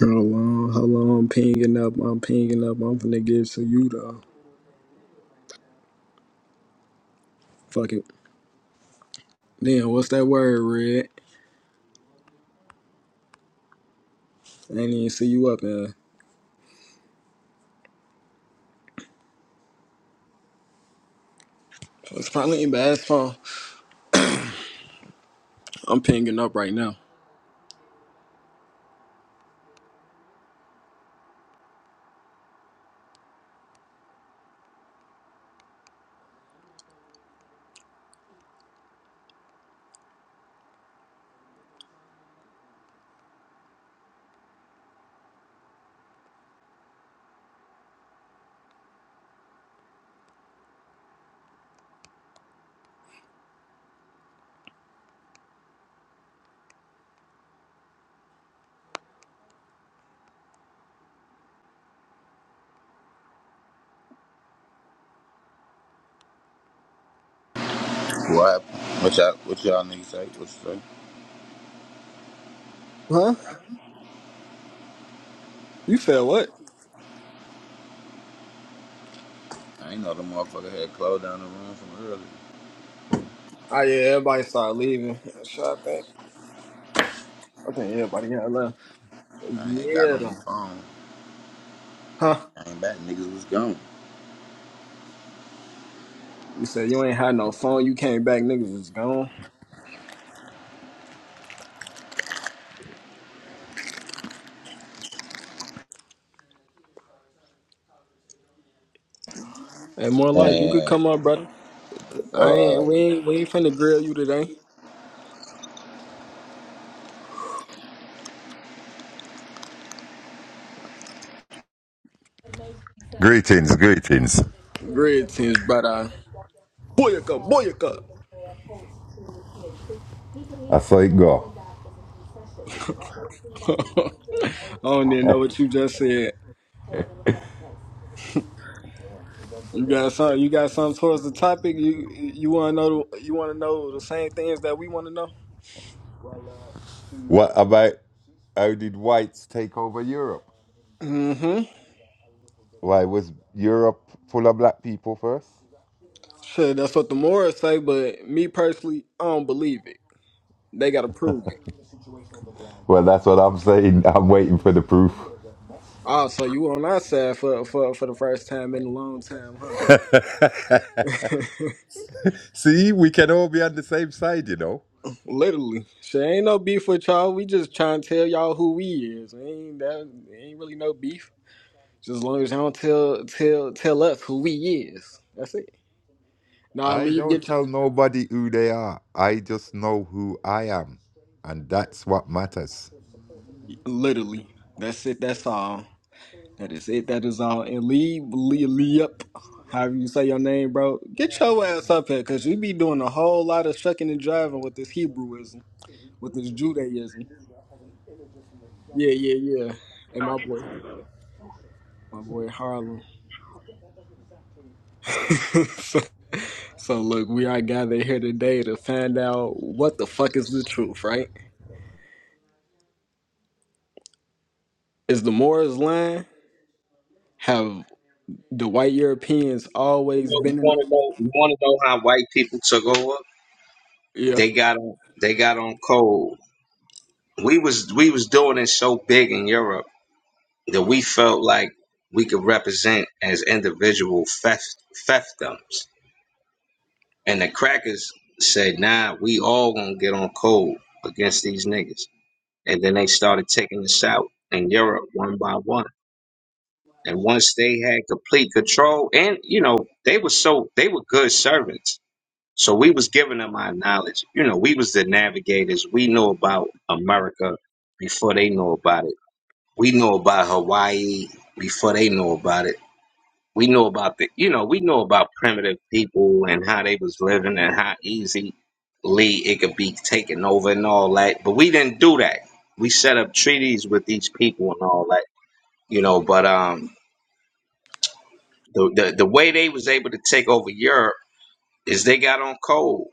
Hold on, hold on. I'm pinging up. I'm pinging up. I'm finna give it to you though. Fuck it. Damn, what's that word, Red? I didn't even see you up there. It's probably in bass phone. I'm pinging up right now. What? What y'all, what y'all niggas say? What you say? Huh? You said what? I ain't know the motherfucker had closed down the room from earlier. Oh yeah, everybody started leaving. Shit, I think. I think everybody got left. I had got Yeah. on the though. phone. Huh? Came back, niggas was gone. You said you ain't had no phone. You came back, niggas was gone. Hey, more life. You could And come up, brother. I ain't. We uh, ain't. We ain't finna grill you today. Greetings, greetings. Grid tinge, brother. Boyaka, boyaka. I saw it go. I don't even know what you just said. You got some. You got something towards the topic. You you want to know? the- You want to know the same things that we want to know? What about how did whites take over Europe? Mm-hmm. Why was Europe full of black people first? Sure, that's what the morals say. But me personally, I don't believe it. They gotta prove it. Well, that's what I'm saying. I'm waiting for the proof. Oh, so you on our side for for for the first time in a long time, huh? See, we can all be on the same side, you know. Literally, sure. Ain't no beef with y'all. We just trying to tell y'all who we is. Ain't that? Ain't really no beef. Just as long as y'all don't tell tell tell us who we is. That's it. Nah, I leave your don't t- tell nobody who they are. I just know who I am, and that's what matters. literally. That's it. That's all. That is it. That is all. And leave, leave, leave up. However you say your name, bro. Get your ass up here, cause you be doing a whole lot of shucking and driving with this Hebrewism, with this Judaism. Yeah, yeah, yeah. And my boy, my boy Harlem. so, so look, we are gathered here today to find out what the fuck is the truth, right? Is the Moors lying? Have the white Europeans always You been in the? want to know? You want to know how white people took over? They Yeah. got on. They got on cold. We was we was doing it so big in Europe that we felt like we could represent as individual theft theftums. And the crackers said, "Nah, we all gonna get on cold against these niggas." And then they started taking us out in Europe one by one. And once they had complete control, and you know they were so they were good servants So we was giving them our knowledge. You know, we was the navigators. We know about America before they know about it. We know about Hawaii before they know about it. We know about the you know, we know about primitive people and how they was living and how easily it could be taken over and all that. But we didn't do that. We set up treaties with these people and all that, you know, but um the, the, the way they was able to take over Europe is they got on cold.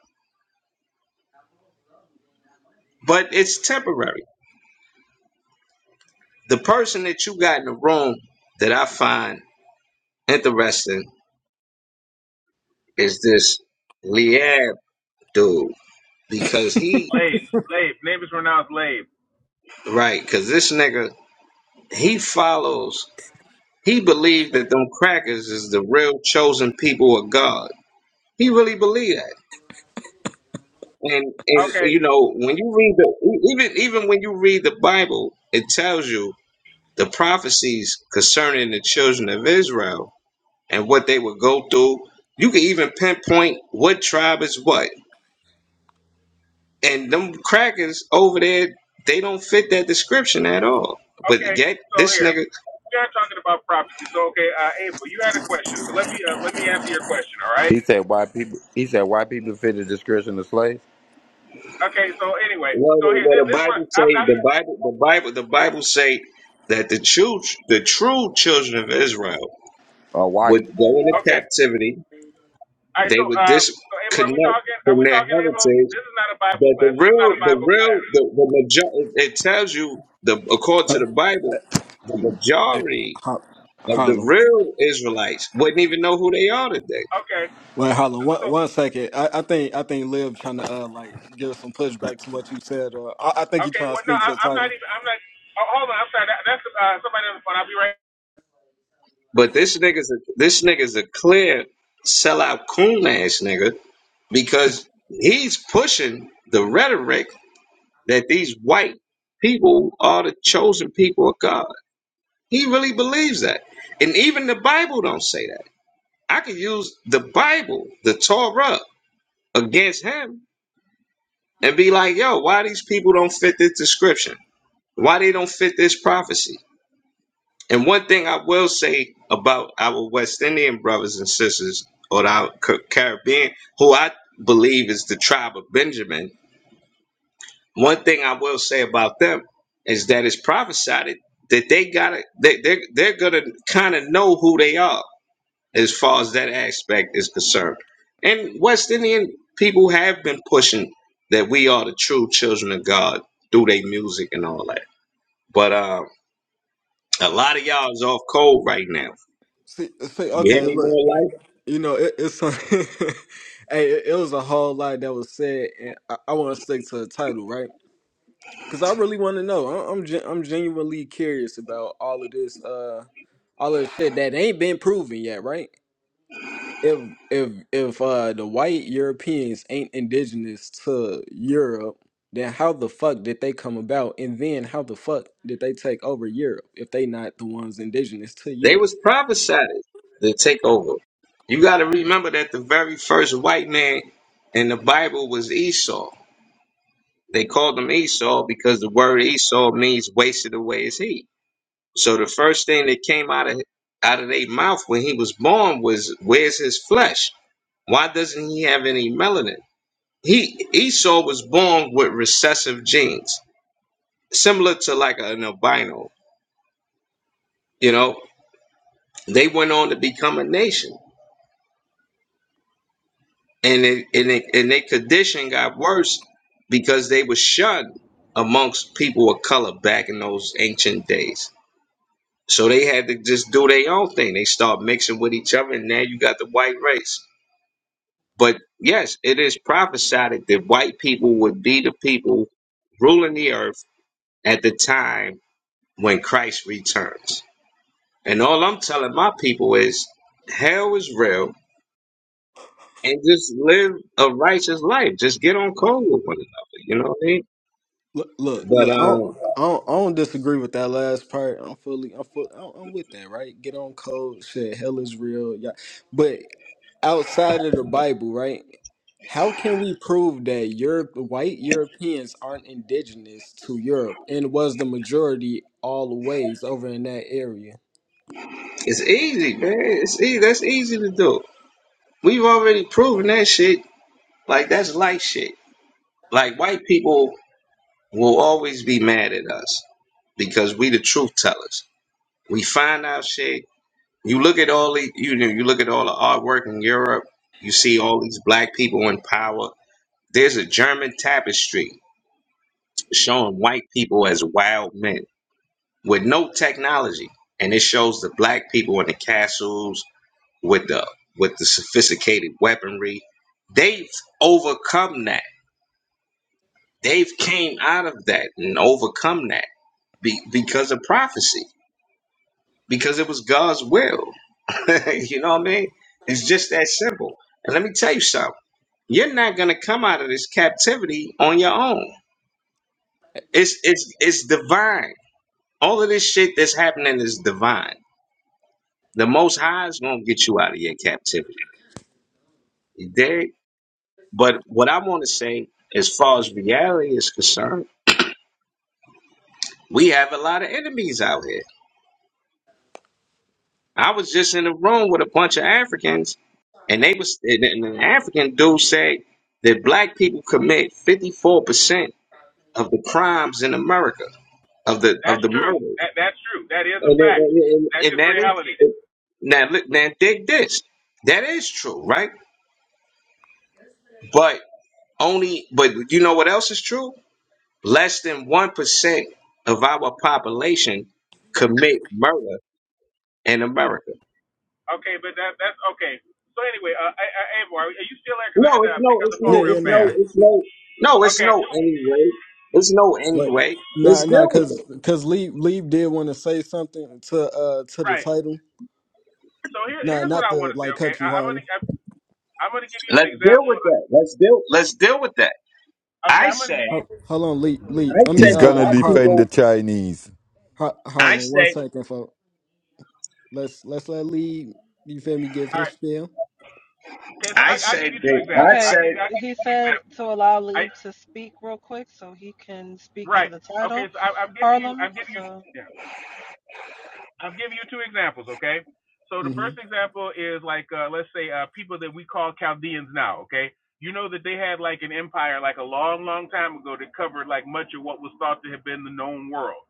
But it's temporary The person that you got in the room that I find interesting is this Liab dude because he Labe, Labe. Name is pronounced Labe. right because this nigga he follows he believed that them crackers is the real chosen people of God. He really believed that. And and Okay, you know when you read the e, even even when you read the Bible, it tells you the prophecies concerning the children of Israel and what they would go through. You can even pinpoint what tribe is what And them crackers over there, they don't fit that description at all. okay. But yet So this here nigga we are talking about prophecy. So okay, uh, April, you had a question. So let me uh, let me answer your question. All right. he said white people. He said white people fit the description of slaves. Okay. So anyway, well so the, here well, this the this one. Bible I'm, say I'm the Bible the Bible the Bible say that the true the true children of Israel Or white. would go into okay. captivity, All right. So they would uh, so April, are we disconnect talking? Are from we their talking, April? heritage. This is not a Bible That class. the This is not a real the Bible real class. the, the majority it it tells you the according to the Bible, the Hey, majority Har- of the Harlem. real Israelites wouldn't even know who they are today. Okay. Well, So, Harlem, so one, one second. I, I think I think Liv trying to uh like give us some pushback to what you said. Or I, I think he okay. trying to Well, no, speak to the I, I'm title. not even. I'm not. Oh, hold on. I'm sorry. That, that's uh, somebody on the phone. I'll be right. But this nigga's a, this nigga's a clear sellout coon ass nigga because he's pushing the rhetoric that these white people are the chosen people of God. He really believes that, and even the Bible don't say that. I could use the Bible, the Torah, against him and be like, "Yo, why these people don't fit this description? Why they don't fit this prophecy?" And one thing I will say about our West Indian brothers and sisters, or our Ca- Caribbean, who I believe is the tribe of Benjamin, one thing I will say about them is that it's prophesied that they gotta they they're, they're gonna kind of know who they are as far as that aspect is concerned. And West Indian people have been pushing that we are the true children of God through their music and all that. But uh, a lot of y'all is off cold right now. See, see You hear okay, me look, more you know it, it's hey, it, it was a whole lot that was said, and I, I want to stick to the title, right? Because I really want to know. I, I'm gen- I'm genuinely curious about all of this, uh, all of this shit that ain't been proven yet, right? if if if uh the white Europeans ain't indigenous to Europe, then how the fuck did they come about? And then how the fuck did they take over Europe if they not the ones indigenous to They Europe? was prophesied to take over. You got to remember that the very first white man in the Bible was Esau. They called him Esau because the word Esau means wasted away is he. So the first thing that came out of out of their mouth when he was born was where's his flesh? Why doesn't he have any melanin? He Esau was born with recessive genes, similar to like an albino. You know, they went on to become a nation and it, and it, and their condition got worse because they were shunned amongst people of color back in those ancient days. So they had to just do their own thing. They start mixing with each other, and now you got the white race. But yes, it is prophesied that white people would be the people ruling the earth at the time when Christ returns. And all I'm telling my people is hell is real and just live a righteous life. Just get on code with one another. You know what I mean? Look, look, But look. I don't, um, I don't, I don't disagree with that last part. I'm fully, I'm full, I'm, I'm with that. Right? Get on code. Shit, hell is real. Yeah, but outside of the Bible, right? How can we prove that Europe, white Europeans aren't indigenous to Europe and was the majority all the ways over in that area? it's easy, man. It's easy. That's easy to do. We've already proven that shit. Like that's light shit. Like white people will always be mad at us because we the truth tellers. We find out shit. You look at all the you know you look at all the artwork in Europe. You see all these black people in power. There's a German tapestry showing white people as wild men with no technology, and it shows the black people in the castles with the with the sophisticated weaponry they've overcome that they've came out of that and overcome that be, because of prophecy because it was god's will you know what i mean it's just that simple and let me tell you something you're not going to come out of this captivity on your own it's it's it's divine all of this shit that's happening is divine the most high is going to get you out of your captivity you dig But what I want to say, as far as reality is concerned, we have a lot of enemies out here. I was just in a room with a bunch of Africans, and they was and and an African dude said that black people commit fifty four percent of the crimes in America of the of That's the true. murders, That that's true. That is a and fact. That's and, and and just that reality. is now look now dig this that is true, right? But only but you know what else is true? Less than 1% of our population commit murder in America. Okay, but that that's okay. So anyway, uh, I, I, Abel, are you still there? Because No, I had to it's pick no, up it's the Yeah, phone no, yeah, real it's no, no, fast. it's no, no, it's Okay, no anyway. It's no but anyway. Let's not, not deal with because it. because Lee Lee did want to say something to uh to the right. title. So here Nah, here's what not I to want to say. like Okay, cut I, you, I'm Harlan. gonna I, I'm gonna give you an Let's deal example. with that. Let's deal, let's deal with that. Okay, I I'm said, gonna give you. Ho- Hold on, Lee. Lee. I I mean, He's said that gonna uh, our defend Harlan. the people, Chinese. Har- I Harlan. One said, second, folks. Let's let's let Lee. You feel me? Give All his right. spiel. Okay, so I I I said give you two that, I examples. I Okay, give you I said, give you he said to allow I Leave to speak real quick so he can speak to right. the title, Okay, so I, I'm giving you Harlem. I'm giving you. So yeah. I'm giving you two examples, okay? So the Mm-hmm. first example is like uh, let's say uh, people that we call Chaldeans now, okay? You know that they had like an empire like a long, long time ago that covered like much of what was thought to have been the known world.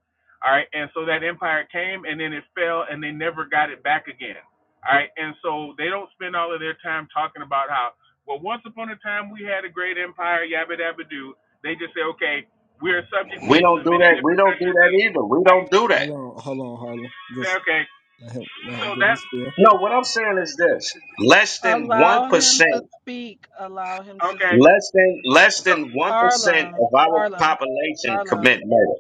All right, and so that empire came and then it fell and they never got it back again. All right, and so they don't spend all of their time talking about how well once upon a time we had a great empire, yabba dabba doo. They just say, okay, we're subject we people don't in do many that. We different. don't do that either. We don't places. do that. Hold on, hold on, Harlan. Just Okay, let him let so him give that's his spiel. No, what I'm saying is this less than allow him 1%. to speak. Allow him to okay. speak. Less than less so. than one percent Harlem, of our Harlem, population Harlem. commit murder.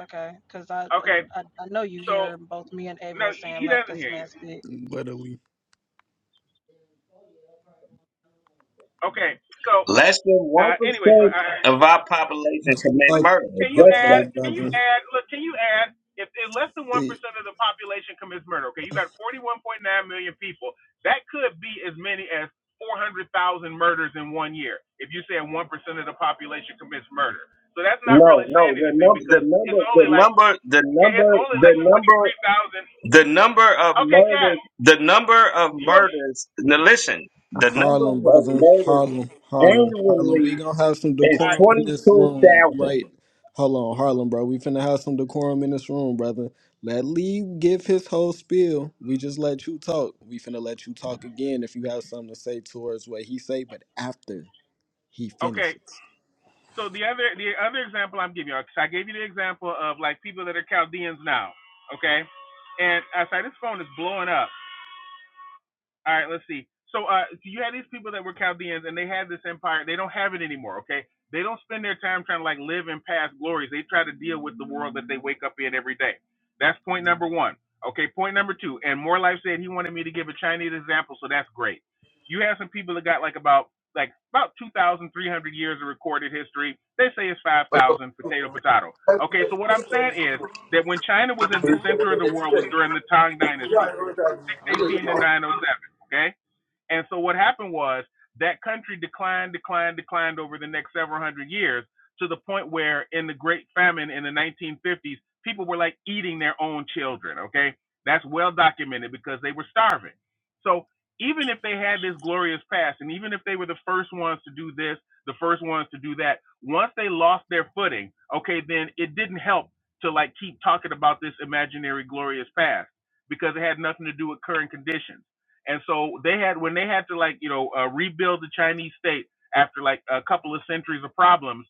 Okay, because I, I Okay, I know you so hear both me and no, Avo saying he, he let doesn't this hear man you. speak. Literally. Okay, so Less than one uh, anyway, so percent uh, of our population commit Okay, murder. can you Just okay, add? that. Can you brother. add? Look, can you add? If, if less than one See. percent of the population commits murder, okay, you got forty-one point nine million people. That could be as many as four hundred thousand murders in one year. If you say one percent of the population commits murder, so that's not No, really no. saying The anything number, the because number, it's the only like number, the okay, it's number, only the like number, twenty-three thousand. the number of Okay, guys, murders. The number of you want me? murders. Now listen. The number Harlem, of brother. murders Harlem, Harlem, Harlem. We annually gonna have some is All right, decorum in twenty this two room, thousand. right? Hold on, Harlem, bro. We finna have some decorum in this room, brother. Let Lee give his whole spiel. We just let you talk. We finna let you talk again if you have something to say towards what he say, but after he okay, finishes. So the other the other example I'm giving you, so I gave you the example of like people that are Chaldeans now, okay? And I say this phone is blowing up. All right, let's see. So, uh, so you had these people that were Chaldeans, and they had this empire. They don't have it anymore. Okay, they don't spend their time trying to like live in past glories. They try to deal with the world that they wake up in every day. That's point number one. Okay, point number two. And More Life said he wanted me to give a Chinese example, so that's great. You have some people that got like about like about two thousand three hundred years of recorded history. They say it's five Right, thousand. Potato, potato. Okay, so what I'm saying is that when China was in the center of the world was during the Tang Dynasty, right, eighteen to right. nine oh seven. Okay and so what happened was that country declined, declined, declined over the next several hundred years to the point where in the Great Famine in the 1950s, people were like eating their own children, okay? That's well documented because they were starving. So even if they had this glorious past, and even if they were the first ones to do this, the first ones to do that, once they lost their footing, okay, then it didn't help to like keep talking about this imaginary glorious past because it had nothing to do with current conditions. And so they had when they had to like you know uh, rebuild the Chinese state after like a couple of centuries of problems,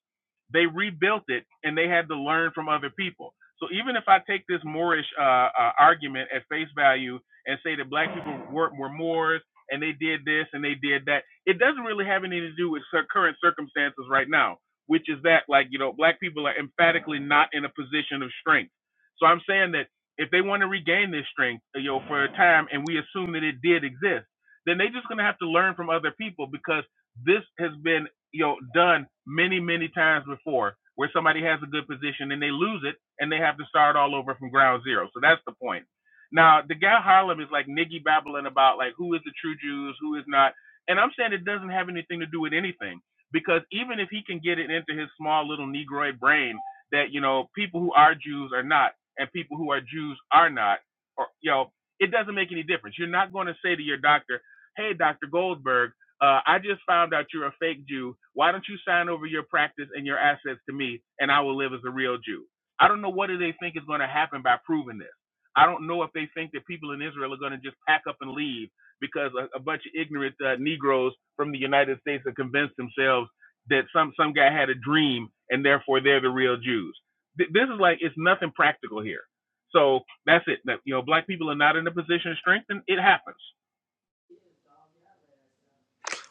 they rebuilt it and they had to learn from other people. So even if I take this Moorish uh, uh, argument at face value and say that black people were, were Moors and they did this and they did that, it doesn't really have anything to do with current circumstances right now, which is that like you know black people are emphatically not in a position of strength. So I'm saying that if they want to regain their strength, you know, for a time, and we assume that it did exist, then they're just going to have to learn from other people because this has been, you know, done many, many times before, where somebody has a good position and they lose it and they have to start all over from ground zero. So that's the point. Now, the guy Harlem is like niggy babbling about like who is the true Jews, who is not, and I'm saying it doesn't have anything to do with anything because even if he can get it into his small little Negroid brain that you know people who are Jews are not and people who are Jews are not, or you know, it doesn't make any difference. You're not going to say to your doctor, "Hey, Doctor Goldberg, uh, I just found out you're a fake Jew. Why don't you sign over your practice and your assets to me, and I will live as a real Jew?" I don't know what do they think is going to happen by proving this. I don't know if they think that people in Israel are going to just pack up and leave because a, a bunch of ignorant uh, Negroes from the United States have convinced themselves that some some guy had a dream and therefore they're the real Jews. Th- This is like it's nothing practical here. So that's it. That you know, black people are not in a position of strength, and it happens.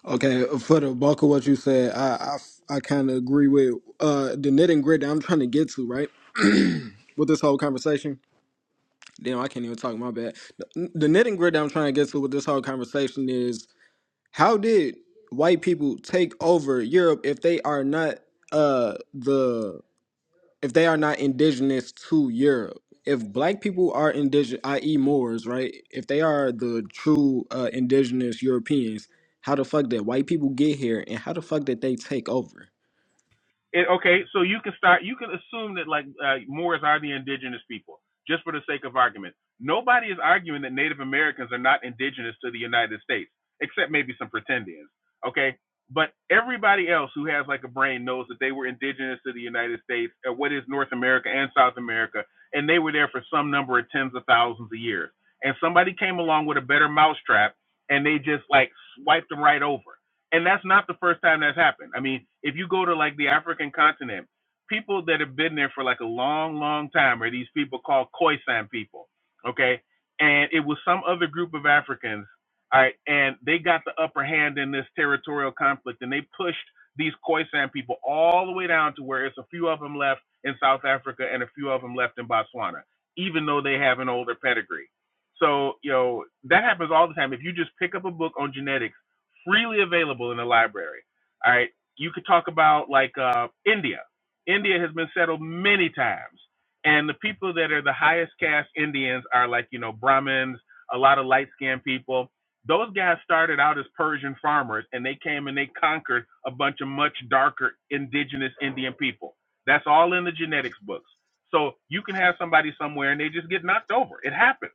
Okay, for the bulk of what you said, I I, I kind of agree with uh the knit and grit that I'm trying to get to, right? with this whole conversation. Damn, I can't even talk. My bad. The, the knitting grid that I'm trying to get to with this whole conversation is how did white people take over Europe if they are not uh the if they are not indigenous to Europe? If black people are indigenous, i.e., Moors, right? If they are the true uh, indigenous Europeans, how the fuck did white people get here, and how the fuck did they take over? It, okay, so you can start. You can assume that like uh, Moors are the indigenous people, just for the sake of argument. Nobody is arguing that Native Americans are not indigenous to the United States, except maybe some pretendians. Okay, but everybody else who has like a brain knows that they were indigenous to the United States, uh, what is North America and South America, and they were there for some number of tens of thousands of years. And somebody came along with a better mousetrap, and they just like swiped them right over and that's not the first time that's happened. I mean, if you go to like the African continent, people that have been there for like a long, long time are these people called Khoisan people, okay? And it was some other group of Africans, all right, and they got the upper hand in this territorial conflict, and they pushed these Khoisan people all the way down to where it's a few of them left in South Africa and a few of them left in Botswana, even though they have an older pedigree. So, you know, that happens all the time. If you just pick up a book on genetics freely available in the library. All right, you could talk about like uh, India. India has been settled many times, and the people that are the highest caste Indians are like you know Brahmins, a lot of light skinned people. Those guys started out as Persian farmers, and they came and they conquered a bunch of much darker indigenous Indian people. That's all in the genetics books. So you can have somebody somewhere and they just get knocked over. It happens.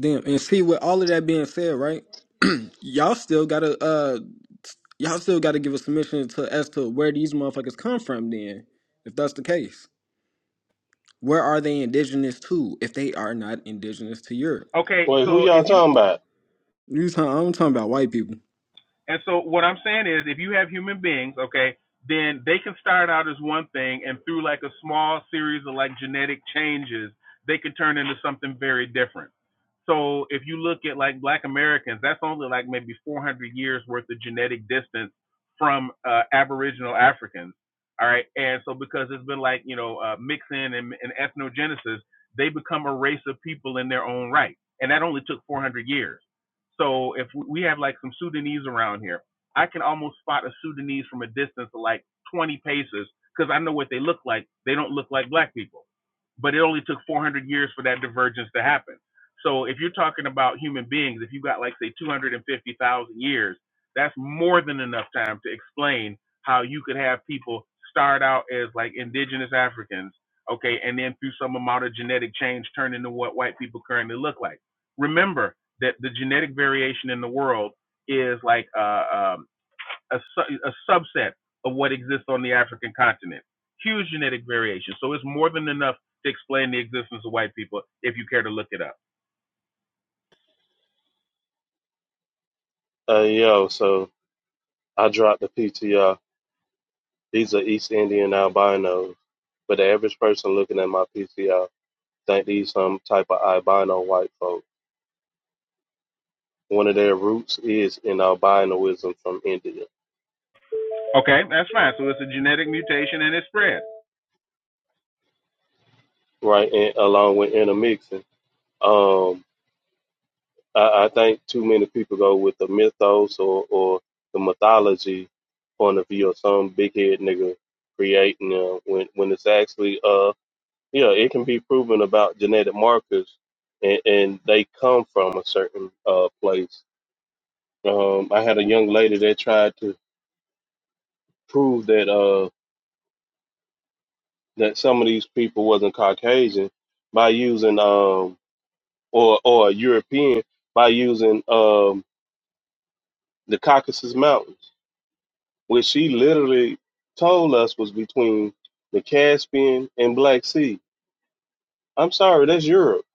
Damn, and see, with all of that being said, right? Y'all still gotta uh y'all still got to give a submission to as to where these motherfuckers come from. Then, if that's the case, where are they indigenous to? If they are not indigenous to Europe, Okay, Wait, who so y'all if you talking about? you talking, I'm talking about white people. And so what I'm saying is if you have human beings, okay, then they can start out as one thing and through like a small series of like genetic changes, they can turn into something very different. So if you look at like black Americans, that's only like maybe 400 years worth of genetic distance from uh, aboriginal Africans. All right. And so because it's been like, you know, uh, mixing and, and ethnogenesis, they become a race of people in their own right. And that only took 400 years. So if we have like some Sudanese around here, I can almost spot a Sudanese from a distance of like 20 paces because I know what they look like. They don't look like black people. But it only took 400 years for that divergence to happen. So if you're talking about human beings, if you have got like say 250,000 years, that's more than enough time to explain how you could have people start out as like indigenous Africans, okay, and then through some amount of genetic change turn into what white people currently look like. Remember, that the genetic variation in the world is like uh, um, a, a subset of what exists on the African continent. Huge genetic variation. So it's more than enough to explain the existence of white people if you care to look it up. Uh, yo, so I dropped the PTR. These are East Indian albinos, but the average person looking at my PTR think these some type of albino white folk. One of their roots is in albinoism from India, Okay, that's fine. So it's a genetic mutation and it spread. right? And along with intermixing, um, I, I think too many people go with the mythos or, or the mythology point of view of some big head nigga creating them when when it's actually uh. yeah, it can be proven about genetic markers, and, and they come from a certain uh, place. Um, I had a young lady that tried to prove that uh, that some of these people wasn't Caucasian by using um, or or European by using um, the Caucasus Mountains, which she literally told us was between the Caspian and Black Sea. I'm sorry, that's Europe.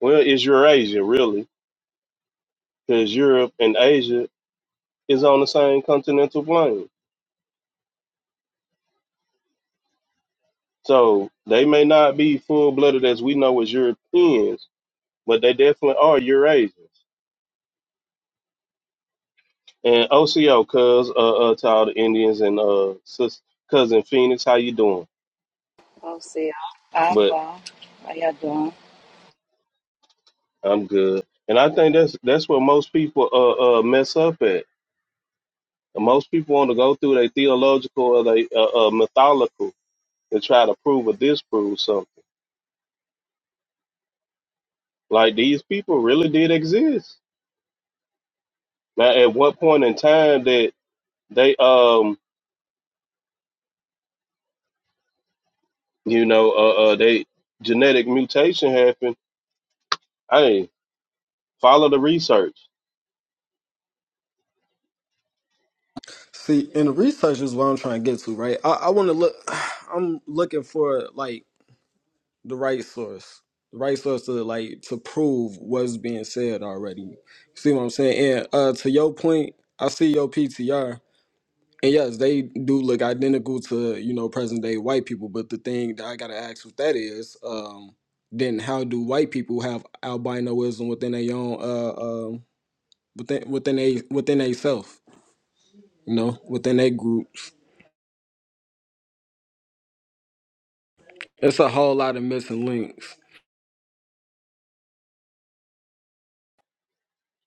Well, it's Eurasia, really, because Europe and Asia is on the same continental plane. So they may not be full blooded as we know as Europeans, but they definitely are Eurasians. And OCO, cuz, uh, uh, to all the Indians and uh, sis, cousin Phoenix, how you doing? Oh, see, I'm I'm But well. How y'all doing? I'm good. And I think that's that's what most people uh, uh, mess up at. And most people want to go through their theological or their uh, uh, mythological and try to prove or disprove something. Like these people really did exist. Now, at what point in time that they um you know uh, uh they genetic mutation happened. hey follow the research See, and the research is what I'm trying to get to, right? I, I want to look. I'm looking for like the right source, the right source to like to prove what's being said already. See what I'm saying? And uh, to your point, I see your PTR. And yes, they do look identical to, you know, present day white people. But the thing that I gotta ask with that is, um, then how do white people have albinoism within their own uh um within within they within they self, you know, within their groups? It's a whole lot of missing links.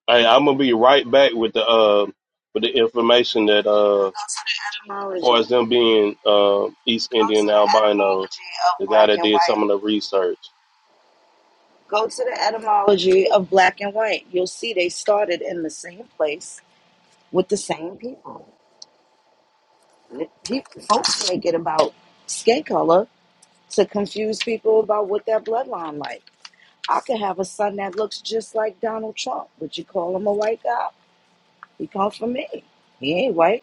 hey i'm gonna be right back with the uh with the information that uh Go to the etymology. far as Go them being uh east to indian the albinos etymology the of guy black that and did some of white. the research Go to the etymology of black and white. You'll see they started in the same place with the same people. people folks make it about skin color to confuse people about what their bloodline like. I could have a son that looks just like Donald Trump. Would you call him a white guy? He come from me. He ain't white.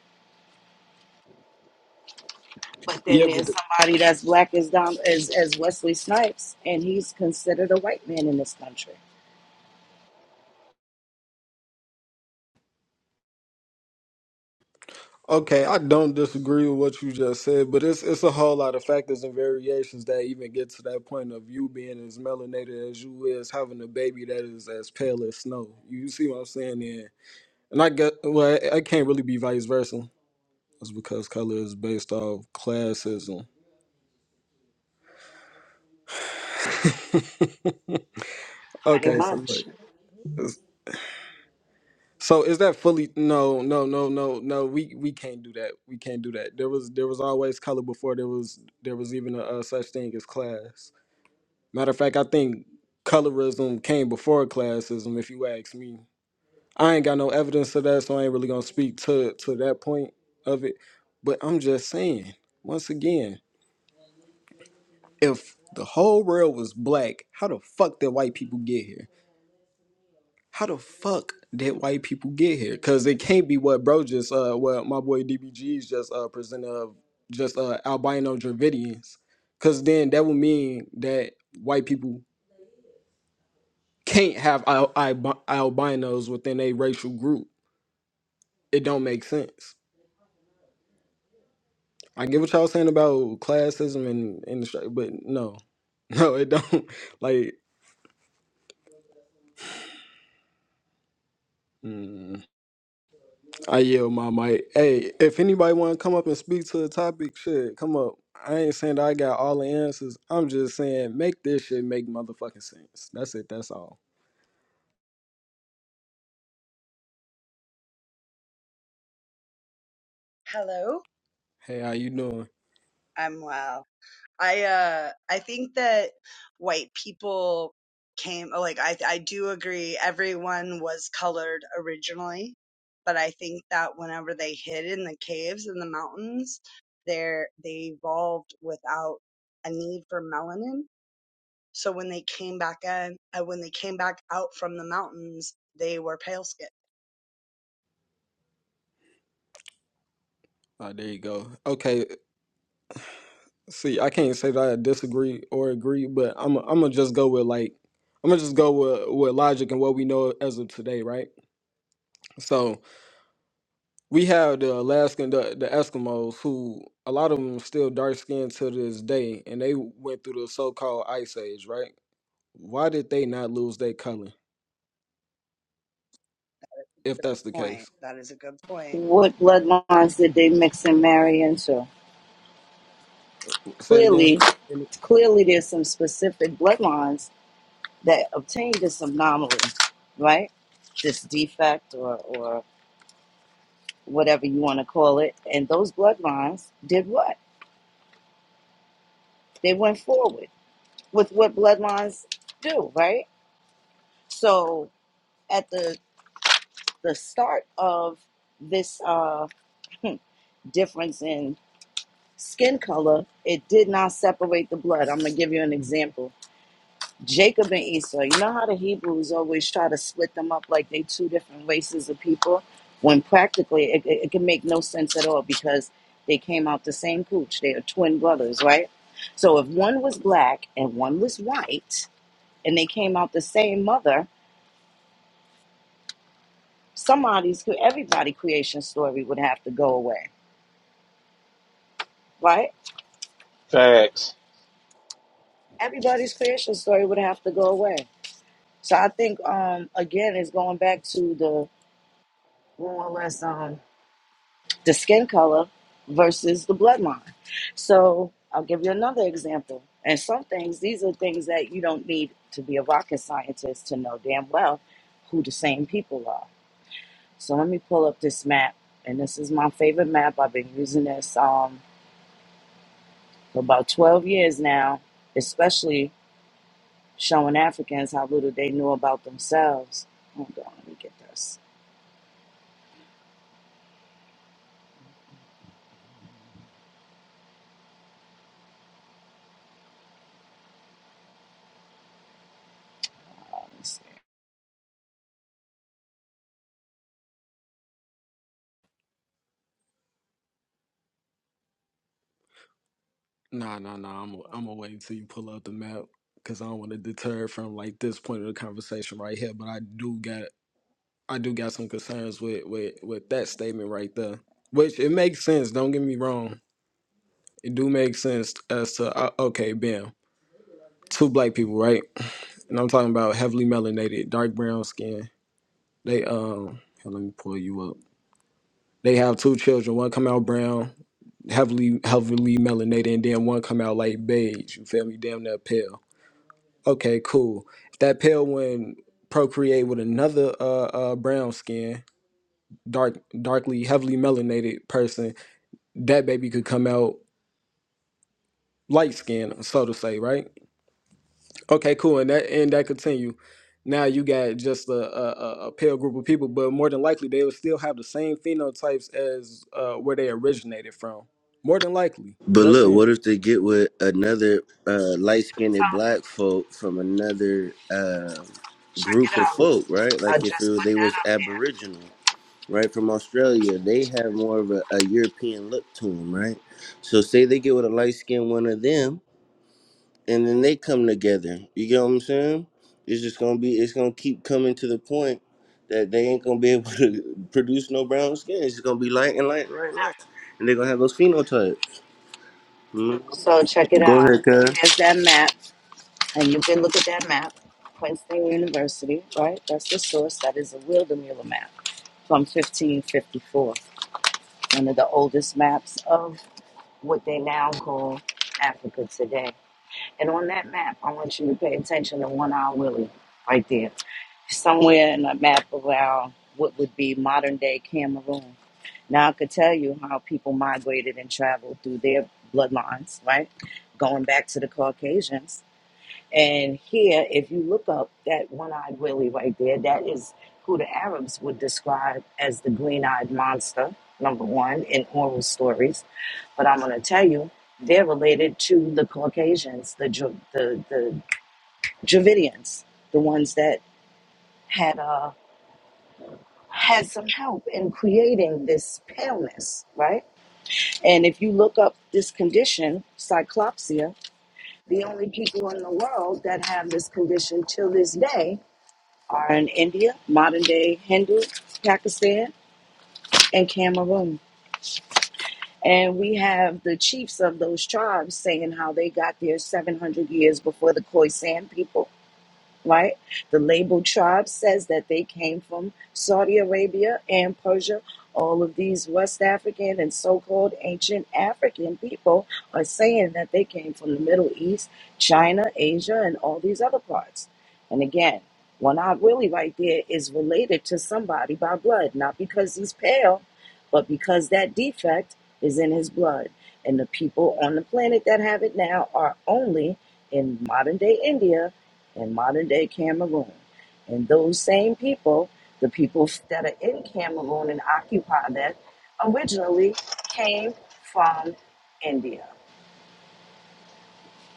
But then Yeah, but there's the, somebody that's black as Don as, as Wesley Snipes, and he's considered a white man in this country, okay, I don't disagree with what you just said, but it's it's a whole lot of factors and variations that even get to that point of you being as melanated as you is, having a baby that is as pale as snow. You see what I'm saying? And And I get well, I I can't really be vice versa. That's because color is based off classism. pretty Okay, so like, much. is- so is that fully? No, no, no, no, no. We we can't do that. We can't do that. There was there was always color before there was there was even a, uh such thing as class. Matter of fact, I think colorism came before classism. If you ask me, I ain't got no evidence of that, so I ain't really gonna speak to to that point of it. But I'm just saying once again. if the whole world was black, how the fuck did white people get here? How the fuck did white people get here? Cause it can't be what bro just uh what my boy DBG's just uh presented of just uh albino Dravidians. Cause then that would mean that white people can't have al- al albinos within a racial group. It don't make sense. I get what y'all saying about classism and and the, str- but no, no, it don't. Like, mm, I yell my mic. Hey, if anybody want to come up and speak to the topic, shit, come up. I ain't saying that I got all the answers. I'm just saying make this shit make motherfucking sense. That's it. That's all. Hello. Hey, how you doing? I'm well. I uh I think that white people came oh, like I I do agree everyone was colored originally, but I think that whenever they hid in the caves and the mountains, they they evolved without a need for melanin. So when they came back in, uh, when they came back out from the mountains, they were pale skinned. Oh, there you go. Okay. See, I can't say that I disagree or agree, but I'm I'm gonna just go with like I'm gonna just go with with logic and what we know as of today, right? So we have the Alaskan, the, the Eskimos, who a lot of them still dark skinned to this day, and they went through the so called ice age, right? Why did they not lose their color? If Good that's the point. case, That is a good point. What bloodlines did they mix and marry into? say it again. Clearly, clearly there's some specific bloodlines that obtained this anomaly, right? This defect or, or whatever you want to call it. And those bloodlines did what? They went forward with what bloodlines do, right? So at the the start of this uh, difference in skin color, it did not separate the blood. I'm going to give you an example. Jacob and Esau, you know how the Hebrews always try to split them up like they two different races of people? When practically it, it, it can make no sense at all because they came out the same cooch. They are twin brothers, right? So if one was black and one was white and they came out the same mother, somebody's, everybody creation story would have to go away, right? facts everybody's creation story would have to go away. So I think um again it's going back to the more or less um the skin color versus the bloodline. So I'll give you another example. And some things, these are things that you don't need to be a rocket scientist to know damn well who the same people are. So let me pull up this map, and this is my favorite map. I've been using this um for about 12 years now, especially showing Africans how little they know about themselves. Hold on, let me get this. Let me see. Nah, nah, nah. I'm I'm gonna wait until you pull up the map because I don't want to deter from like this point of the conversation right here. But I do got I do got some concerns with with with that statement right there. Which it makes sense. Don't get me wrong. It do make sense as to uh, okay, bam, two black people, right? And I'm talking about heavily melanated, dark brown skin. They um, here, let me pull you up. They have two children. One come out brown. heavily heavily melanated and then one come out like beige you feel me damn that pale okay cool if that pale one procreate with another uh, uh brown skin dark darkly heavily melanated person that baby could come out light skin so to say right okay cool and that and that continue now you got just a, a, a a pale group of people but more than likely they will still have the same phenotypes as uh, where they originated from more than likely But just look, saying what if they get with another uh, light So skinned black folk from another uh, check group it of out. folk, right? I Like if just it, put they was that up Aboriginal, right, from Australia, they have more of a, a European look to them, right? So say they get with a light skinned one of them, and then they come together. You get what I'm saying? It's just gonna be, it's gonna keep coming to the point that they ain't gonna be able to produce no brown skin. It's just gonna be light and light and light and light, and they're gonna have those phenotypes. Mhm. there. So check it out. Go ahead, cuz. There's that map, and you can look at that map. Princeton University, right? That's the source. That is a Wildemiller map from 1554, one of the oldest maps of what they now call Africa today. And on that map, I want you to pay attention to One Eye Willie right there. Somewhere in the map of our what would be modern day Cameroon. Now I could tell you how people migrated and traveled through their bloodlines, right? Going back to the Caucasians. And here, if you look up that one eyed Willie right there, that is who the Arabs would describe as the green eyed monster, number one, in oral stories. But I'm going to tell you, they're related to the Caucasians, the Dra- the the Dravidians, the ones that had uh had some help in creating this paleness, right? And if you look up this condition, cyclopsia, the only people in the world that have this condition till this day are in India, modern day Hindu, Pakistan, and Cameroon. And we have the chiefs of those tribes saying how they got there 700 years before the Khoisan people right? The labeled tribe says that they came from Saudi Arabia and Persia. All of these West African and so called ancient African people are saying that they came from the Middle East, China, Asia, and all these other parts. And again, one eyed Willie right there is related to somebody by blood, not because he's pale, but because that defect is in his blood. And the people on the planet that have it now are only in modern day India in modern day Cameroon. And those same people, the people that are in Cameroon and occupy that, originally came from India.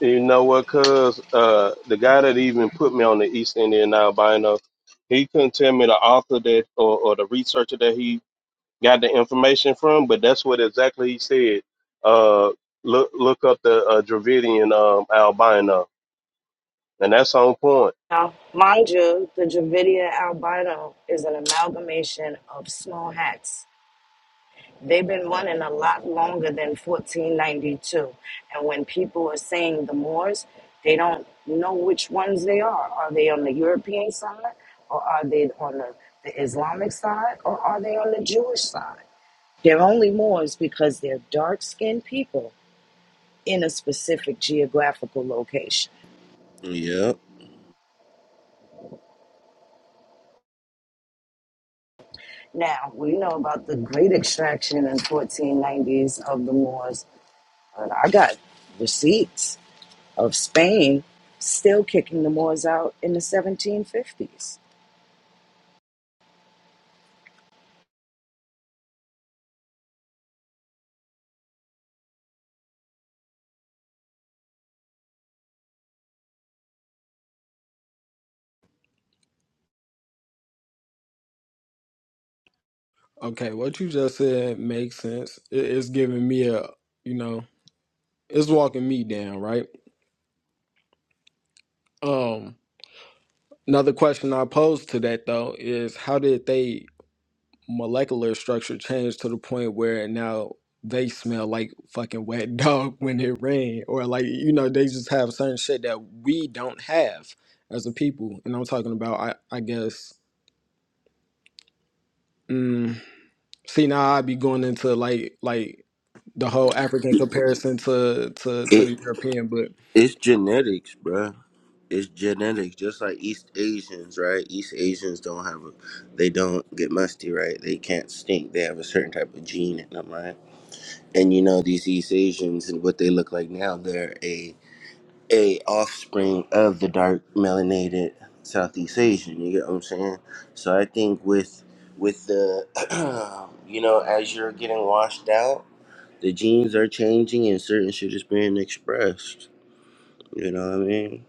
you know what cuz uh the guy that even put me on the east indian albino he couldn't tell me the author that or, or the researcher that he got the information from, but that's what exactly he said. Uh, look look up the uh, Dravidian um, albino, and that's on point. Now, mind you, the Dravidian albino is an amalgamation of small hats They've been running a lot longer than 1492. And when people are saying the Moors, they don't know which ones they are. Are they on the European side, or are they on the, the Islamic side, or are they on the Jewish side? They're only Moors because they're dark skinned people in a specific geographical location. Yep. Now, we know about the great extraction in 1490s of the Moors, but I got receipts of Spain still kicking the Moors out in the 1750s. Okay, what you just said makes sense. It, it's giving me a, you know, it's walking me down, right? Um, another question I pose to that though is how did they molecular structure change to the point where now they smell like fucking wet dog when it rain, or like you know they just have certain shit that we don't have as a people, and I'm talking about I I guess. Mm, see now I'd be going into like like the whole African comparison to to to It the European, but it's genetics, bruh. It's genetics, just like East Asians, right? East Asians don't have a, they don't get musty, right? They can't stink. They have a certain type of gene in them, right? And you know these East Asians and what they look like now, they're a a offspring of the dark melanated Southeast Asian. You get what I'm saying? So I think with with the, you know, as you're getting washed out, the genes are changing and certain shit is being expressed. You know what I mean?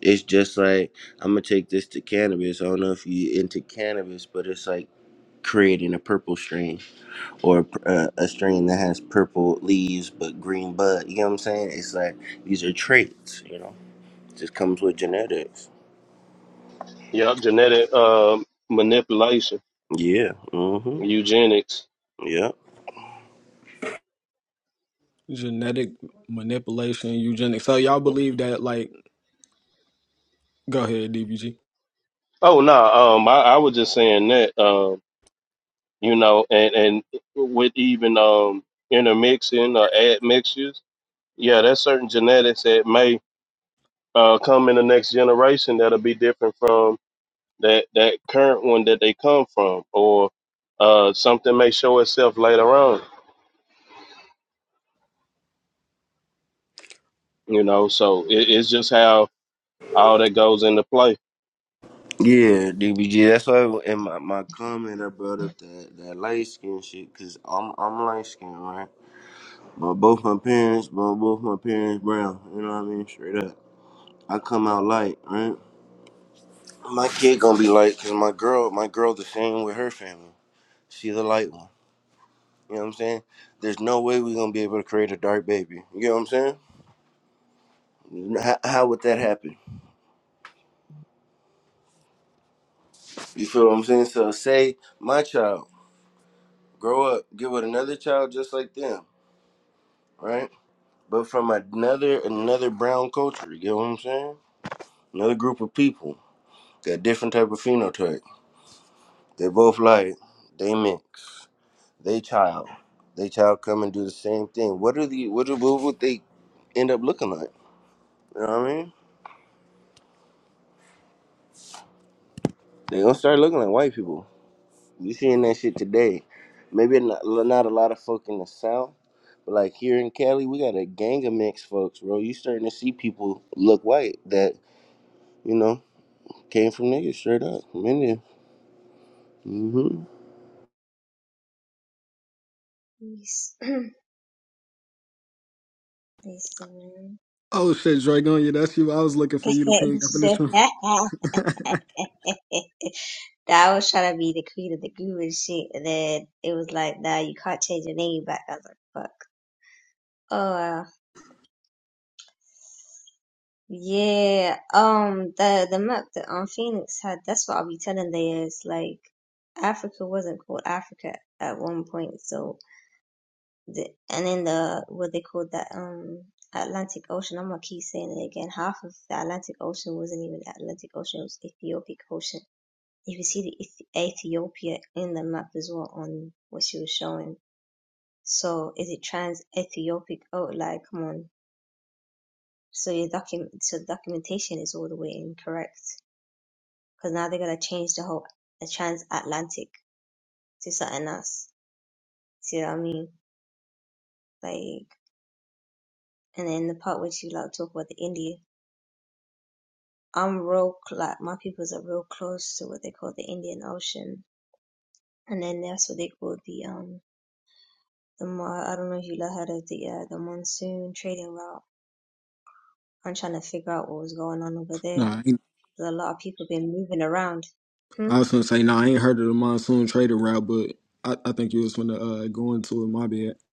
It's just like I'm gonna take this to cannabis. I don't know if you into cannabis, but it's like creating a purple strain or a, pr- uh, a strain that has purple leaves but green bud. You know what I'm saying? It's like these are traits. You know, just comes with genetics. Yep, genetic um, manipulation, Yeah. Mm-hmm. eugenics. Yeah. Genetic manipulation, eugenics. So y'all believe that? Like, go ahead, DBG. Oh no, um, I, I was just saying that, um, you know, and and with even um, intermixing or admixtures, yeah, there's certain genetics that may uh, come in the next generation that'll be different from that that current one that they come from, or uh, something may show itself later on. You know, so it, it's just how all that goes into play. Yeah, DBG. That's why in my, my comment I brought up that, that light skin shit because I'm I'm light skinned, right? But both my parents, but both my parents brown. You know what I mean? Straight up. I come out light, right? My kid gonna be light because my girl, my girl, the same with her family. She's a light one. You know what I'm saying? There's no way we gonna be able to create a dark baby. You know what I'm saying? How, how would that happen? You feel what I'm saying? So say my child grow up, get with another child just like them, right? But from another another brown culture. You get what I'm saying? Another group of people got different type of phenotype. They both light. They mix. they child, they child come and do the same thing. What are the what, are, what would they end up looking like? You know what I mean? They gonna start looking like white people. You seeing that shit today? Maybe not, not a lot of folk in the South, but like here in Cali, we got a gang of mixed folks, bro. You starting to see people look white that you know came from niggas straight up from India. Mhm. this Praise the Lord. Oh shit, Dragon, yeah, that's you. I was looking for you to ping up in this one. I was trying to be the queen of the group and shit, and then it was like, nah, you can't change your name back. I was like, fuck. Oh, wow. Yeah. Um, the the map that um Phoenix had, that's what I'll be telling they is like, Africa wasn't called Africa at one point, so the, and in the what they called that um Atlantic Ocean. I'm gonna keep saying it again. Half of the Atlantic Ocean wasn't even the Atlantic Ocean; it was Ethiopic Ocean. If you see the Ethiopia in the map as well on what she was showing, so is it trans Ethiopic? Oh, like come on. So your document, so the documentation is all the way incorrect because now they're gonna change the whole the transatlantic to something else. See what I mean? Like, and then the part where she like talk about the India. I'm real cl- like my peoples are real close to what they call the Indian Ocean, and then that's what they call the um the mo- I don't know if you like heard of the uh, the monsoon trading route. I'm trying to figure out what was going on over there. Nah, I, ain't, There's a lot of people been moving around. Hmm? I was gonna say, nah, I ain't heard of the monsoon trading route, but I, I think you was gonna uh, go into it. My bad.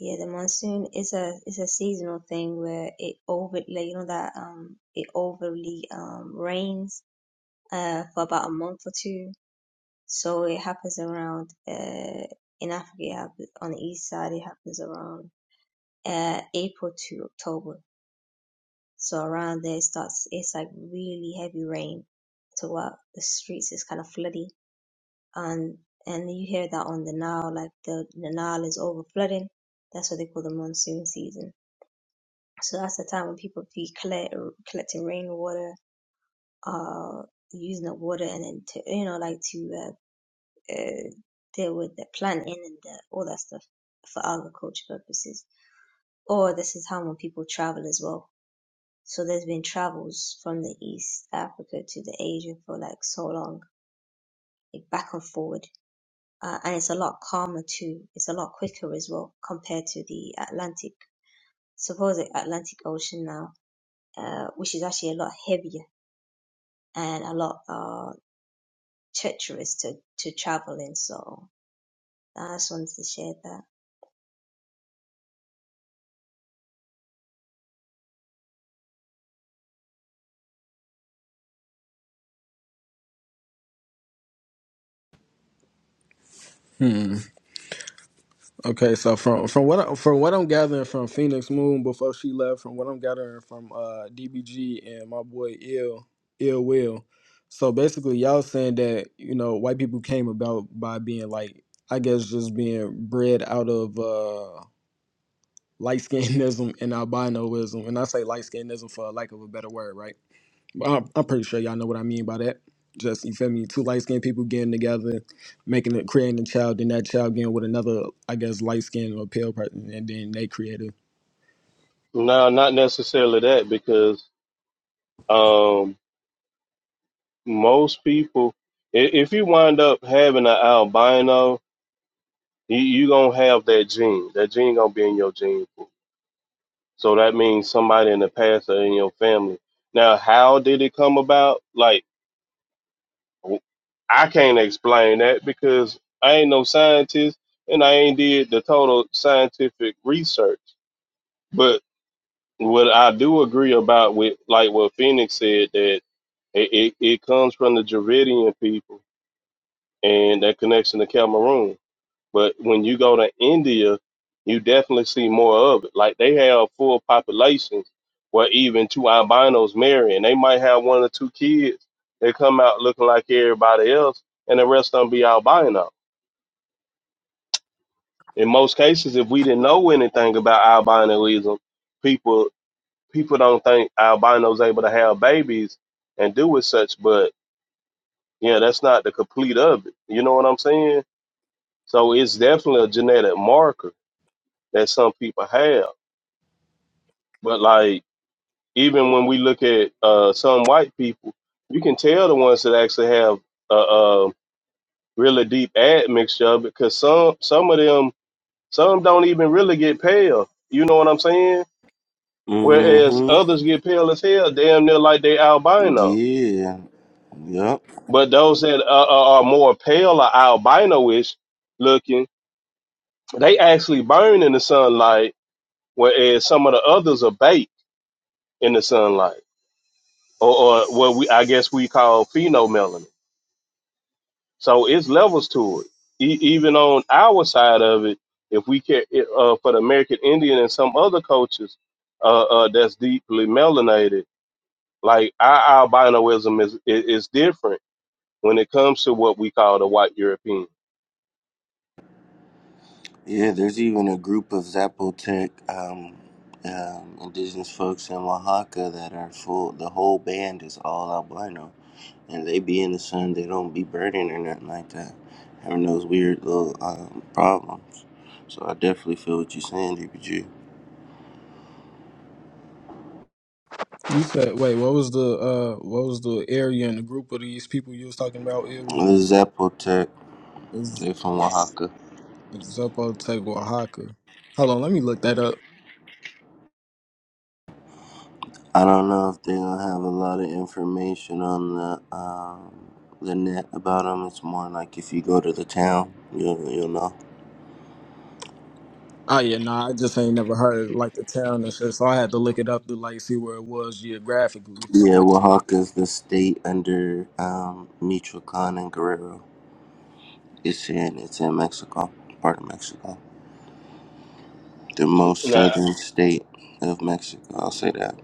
Yeah, the monsoon is a it's a seasonal thing where it over like you know that um it overly um rains uh for about a month or two. So it happens around uh in Africa it happens on the east side it happens around uh, April to October. So around there it starts, it's like really heavy rain to what the streets is kind of flooding. And, and you hear that on the Nile, like the, the Nile is over flooding. That's what they call the monsoon season. So that's the time when people be collect, collecting rainwater, uh, using the water and then to, you know, like to, uh, uh, deal with the planting and the, all that stuff for agriculture purposes. Or this is how when people travel as well So there's been travels from the East Africa to the Asia for like so long, like back and forward. Uh, and it's a lot calmer too. It's a lot quicker as well compared to the Atlantic, suppose the Atlantic Ocean now, uh, which is actually a lot heavier and a lot uh, treacherous to, to travel in. So I just wanted to share that. Okay, so from from what I, from what I'm gathering from Phoenix Moon before she left, from what I'm gathering from uh DBG and my boy Ill Ill Will, so basically y'all saying that you know white people came about by being like I guess just being bred out of uh light skinism and albinoism, and I say light skinism for lack of a better word, right? I'm, I'm pretty sure y'all know what I mean by that. Just you feel me? Two light skinned people getting together, making it, creating a child, then that child getting with another, I guess, light skinned or pale person, and then they create a No, not necessarily that, because um, most people, i- if you wind up having an albino, you, you gonna have that gene. That gene gonna be in your gene pool. So that means somebody in the past or in your family. Now, how did it come about? Like I can't explain that because I ain't no scientist and I ain't did the total scientific research. But what I do agree about with like what Phoenix said that it, it, it comes from the Dravidian people and that connection to Cameroon. But when you go to India, you definitely see more of it. Like they have full populations where even two albinos marry, and they might have one or two kids. They come out looking like everybody else, and the rest of them be albino. In most cases, if we didn't know anything about albinism, people people don't think albinos able to have babies and do with such. But yeah, that's not the complete of it. You know what I'm saying? So it's definitely a genetic marker that some people have. But like even when we look at uh, some white people, you can tell the ones that actually have a, a really deep admixture of it, because some some of them some don't even really get pale. You know what I'm saying? Whereas Mhm. others get pale as hell, damn near like they albino. Yeah. Yup. But those that are, are are more pale or albino-ish looking, they actually burn in the sunlight, whereas some of the others are baked in the sunlight, or, or what we I guess we call phenomelanin. So it's levels to it. E- even on our side of it, if we care it, uh, for the American Indian and some other cultures uh, uh, that's deeply melanated, like our albinoism is, is is different when it comes to what we call the white European. Yeah, there's even a group of Zapotec um, um, indigenous folks in Oaxaca that are full. The whole band is all albino, and they be in the sun. They don't be burning or nothing like that, having those weird little um, problems. So I definitely feel what you're saying, DPG. You said, wait, what was the uh, what was the area and the group of these people you was talking about? Ill The will Zapotec, It's they from Oaxaca. Zeppo Tech Oaxaca. Hold on, let me look that up. I don't know if they'll have a lot of information on the um, the net about them. It's more like if you go to the town, you'll you'll know. Oh yeah, nah, I just ain't never heard like the town and shit, so I had to look it up to like see where it was geographically. So. Yeah, Oaxaca's the state under um, Michoacan and Guerrero. It's in it's in Mexico, part of Mexico, the most Now, southern state of Mexico. I'll say that.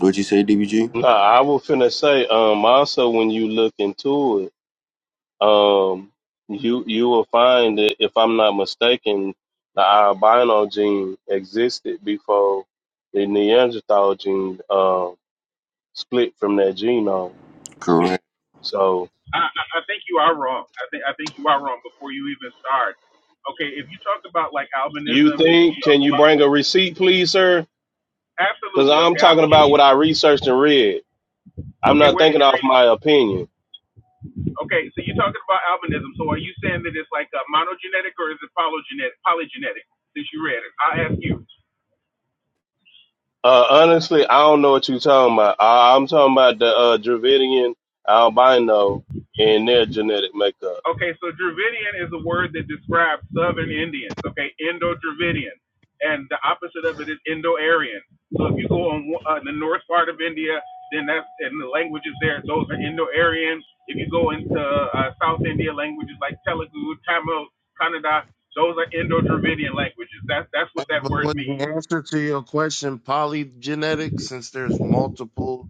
What'd you say, DBG? now I was finna say, um, also when you look into it, um, you you will find that if I'm not mistaken, the albino gene existed before the Neanderthal gene. Um, split from that genome. Correct. So I, I I think you are wrong. I think I think you are wrong before you even start. Okay, if you talk about like you albinism and if you think? talk Can you bring a receipt, please, sir? about, Because absolutely I'm okay, I'm talking about giving what you I researched and read. I'm okay, not where did thinking you off read my opinion. Okay, so you're talking about albinism. So are you saying that it's like uh, monogenetic or is it polygenetic? Polygenetic, since you read it, I'll ask you. Uh, honestly, I don't know what you're talking about. I, I'm talking about the uh, Dravidian albino and their genetic makeup. Okay, so Dravidian is a word that describes Southern Indians. Okay, Indo-Dravidian, and the opposite of it is Indo-Aryan. So if you go on uh, the north part of India, then that's and the languages there, those are Indo-Aryan. If you go into uh, South India, languages like Telugu, Tamil, Kannada, those are Indo-Dravidian languages. That's that's what that But word was means. the answer to your question polygenetic since there's multiple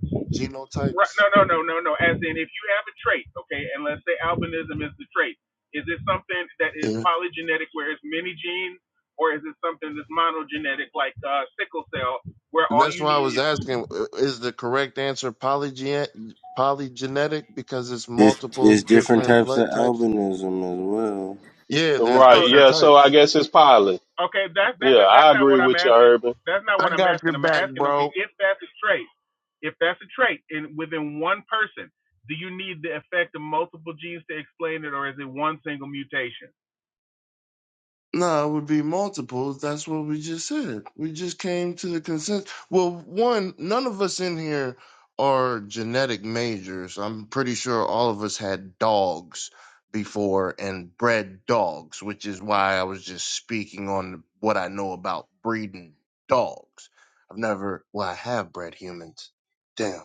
Right. genotypes? No, no, no, no, no. As in, if you have a trait, okay, and let's say albinism is the trait, is it something that is Yeah. polygenetic where it's many genes, or is it something that's monogenetic like uh, sickle cell where And all that's you why I was need is asking uh, is the correct answer polygen polygenetic because it's It's multiple it's different different types blood of types? albinism as well. Yeah, there's no, Right. no. different Yeah. So I types. guess it's pilot. Okay, that's that's Yeah, I that's not agree what I'm with you, asking. Urban. That's not I what I'm got your asking. I'm back, asking, okay, bro. if that's a trait, if that's a trait in within one person, do you need the effect of multiple genes to explain it, or is it one single mutation? No, it would be multiples. That's what we just said. We just came to the consensus. Well, one, none of us in here are genetic majors. I'm pretty sure all of us had dogs before and bred dogs, which is why I was just speaking on what I know about breeding dogs. I've never, well, I have bred humans. Damn,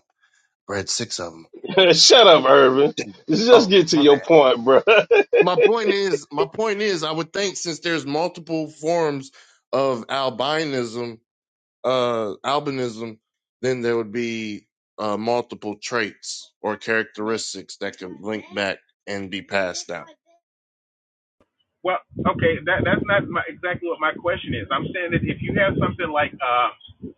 bred six of them. Shut up, Urban. Damn. Just Oh, get to my your bad point, bro. my point is my point is I would think since there's multiple forms of albinism uh albinism then there would be uh multiple traits or characteristics that could link back and be passed down. Well, okay, that that's not my, exactly what my question is. I'm saying that if you have something like uh,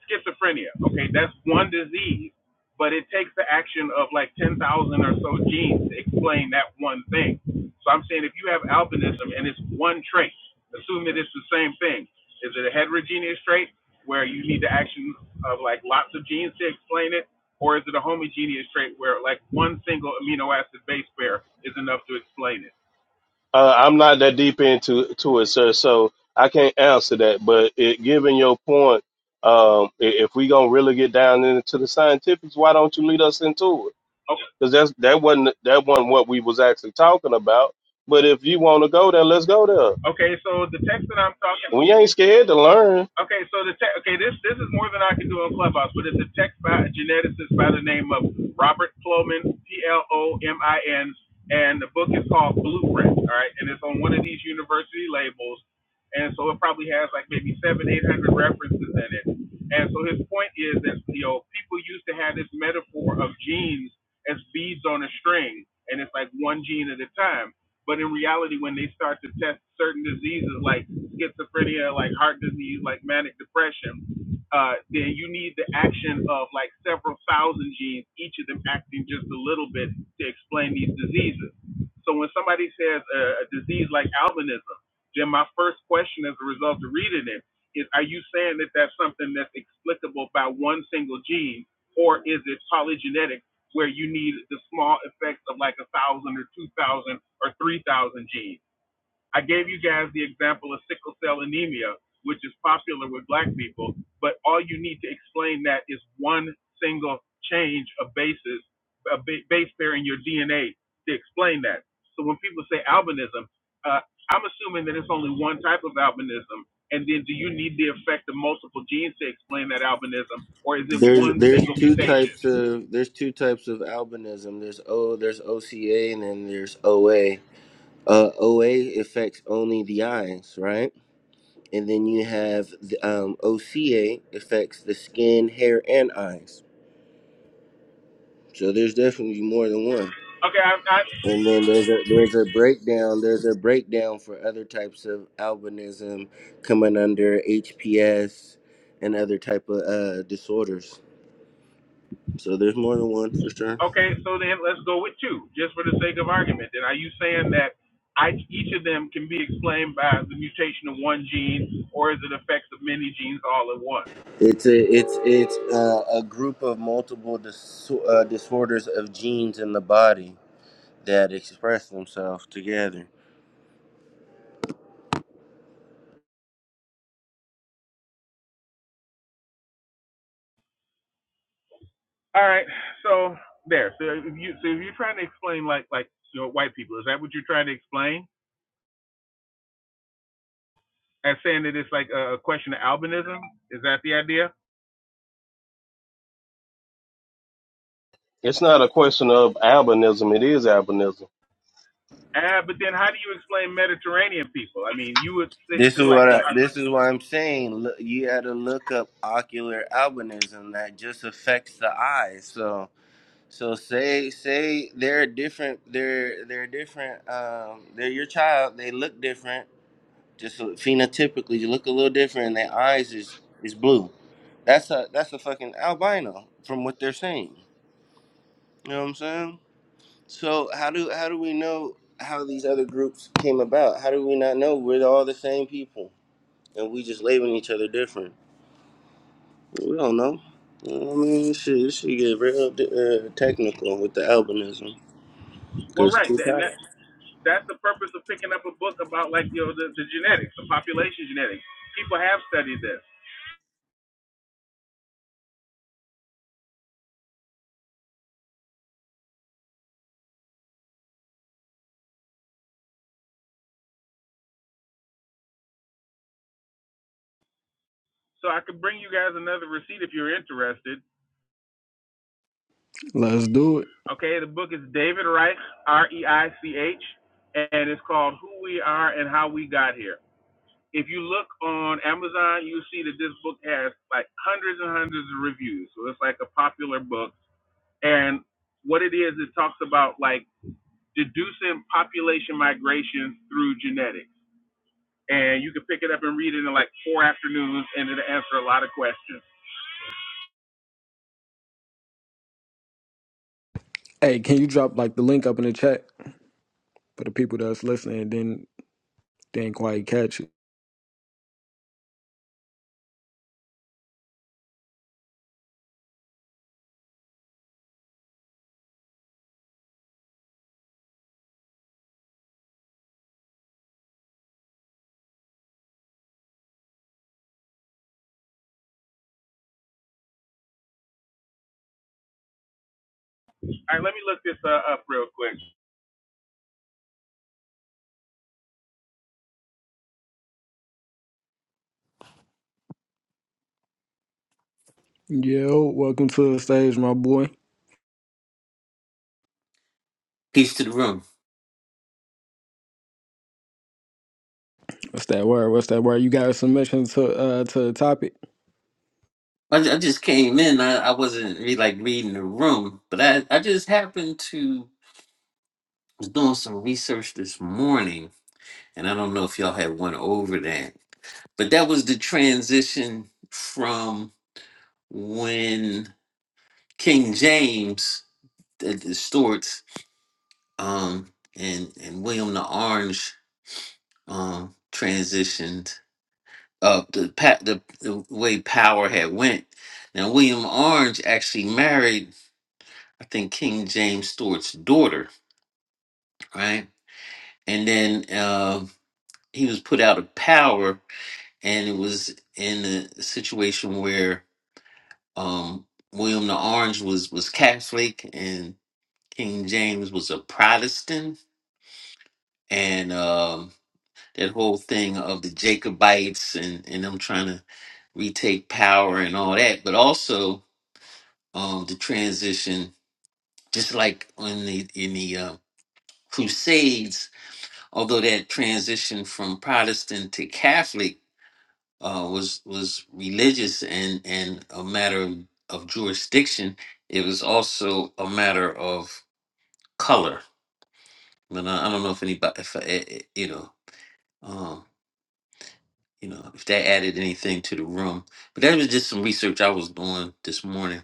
schizophrenia, okay, that's one disease, but it takes the action of like 10,000 or so genes to explain that one thing. So I'm saying if you have albinism and it's one trait, assume that it's the same thing. Is it a heterogeneous trait where you need the action of like lots of genes to explain it, or is it a homogeneous trait where like one single amino acid base pair is enough to explain it? Uh, I'm not that deep into to it, sir, so I can't answer that. But it, given your point, um, i- if we gonna really get down into the scientifics, why don't you lead us into it? Okay. Because that's that wasn't that wasn't what we was actually talking about. But if you want to go there, let's go there. Okay, so the text that I'm talking. We ain't scared to learn. Okay, so the text. Okay, this this is more than I can do on Clubhouse, but it's a text by a geneticist by the name of Robert Plomin, P L O M I N, and the book is called Blueprint. All right, and it's on one of these university labels, and so it probably has like maybe seven, eight hundred references in it. And so his point is that you know people used to have this metaphor of genes as beads on a string, and it's like one gene at a time. But in reality, when they start to test certain diseases like schizophrenia, like heart disease, like manic depression, uh, then you need the action of like several thousand genes, each of them acting just a little bit to explain these diseases. So when somebody says a, a disease like albinism, then my first question as a result of reading it is, are you saying that that's something that's explicable by one single gene, or is it polygenetic? where you need the small effects of like a thousand or two thousand or three thousand genes. I gave you guys the example of sickle cell anemia, which is popular with black people, but all you need to explain that is one single change of bases, a base pair in your DNA to explain that. So when people say albinism, uh, I'm assuming that it's only one type of albinism. And then do you need the effect of multiple genes to explain that albinism, or is it There's one there's single two mutation? types of there's two types of albinism. There's O there's OCA and then there's OA. Uh, OA affects only the eyes, right? And then you have the um, OCA affects the skin, hair, and eyes. So there's definitely more than one. Okay, I, I, And then there's a there's a breakdown. There's a breakdown for other types of albinism coming under HPS and other type of uh, disorders. So there's more than one for sure. Okay, so then let's go with two, just for the sake of argument. Then are you saying that I, each of them can be explained by the mutation of one gene, or is it effects of many genes all at once? It's a it's it's a, a group of multiple dis- uh, disorders of genes in the body that express themselves together. All right, so there. So if you so if you're trying to explain like like you know, white people, is that what you're trying to explain? As saying that it's like a, question of albinism? Is that the idea? It's not a question of albinism; it is albinism. Ah, but then how do you explain Mediterranean people? I mean, you would say, This say is like what a, I, a this is what I'm saying. Look, you had to look up ocular albinism that just affects the eye. So so say say they're different. They're they're different. Um, they're your child. They look different. Just so- phenotypically, you look a little different. And their eyes is is blue. That's a that's a fucking albino from what they're saying. You know what I'm saying? So how do how do we know how these other groups came about? How do we not know we're all the same people? and we just labeling each other different. We don't know. You know what I mean, shit, this shit get real uh, technical with the albinism. Well, Cause right, too and tight. that's that's the purpose of picking up a book about like you know the, the genetics, the population genetics. People have studied this, so I could bring you guys another receipt if you're interested. Let's do it. Okay, the book is David Reich, R E I C H, and it's called Who We Are and How We Got Here. If you look on Amazon, you see that this book has like hundreds and hundreds of reviews, so it's like a popular book. And what it is, it talks about like deducing population migration through genetics. and you can pick it up and read it in like four afternoons, and it'll answer a lot of questions. Hey, can you drop like the link up in the chat? for the people that's listening didn't didn't quite catch it. All right, let me look this uh, up real quick. Yo, welcome to the stage, my boy. Peace to the room. What's that word? What's that word? You got a submission to uh to the topic? I, ju- I just came in. I, I wasn't really like reading the room, but I, I just happened to was doing some research this morning, and I don't know if y'all had went over that, but that was the transition from when King James, the, the Stuarts, um, and and William the Orange, um, transitioned up the, pa- the the way power had went. Now William Orange actually married. I think King James Stewart's daughter, right? And then uh, he was put out of power, and it was in a situation where um, William the Orange was was Catholic, and King James was a Protestant, and um, that whole thing of the Jacobites and and them trying to retake power and all that, but also um, the transition, just like in the in the uh, Crusades although that transition from Protestant to Catholic uh, was was religious and and a matter of, of jurisdiction, it was also a matter of color. But I, I don't know if anybody, if I, eh, eh, you know, um, you know, if that added anything to the room. But that was just some research I was doing this morning.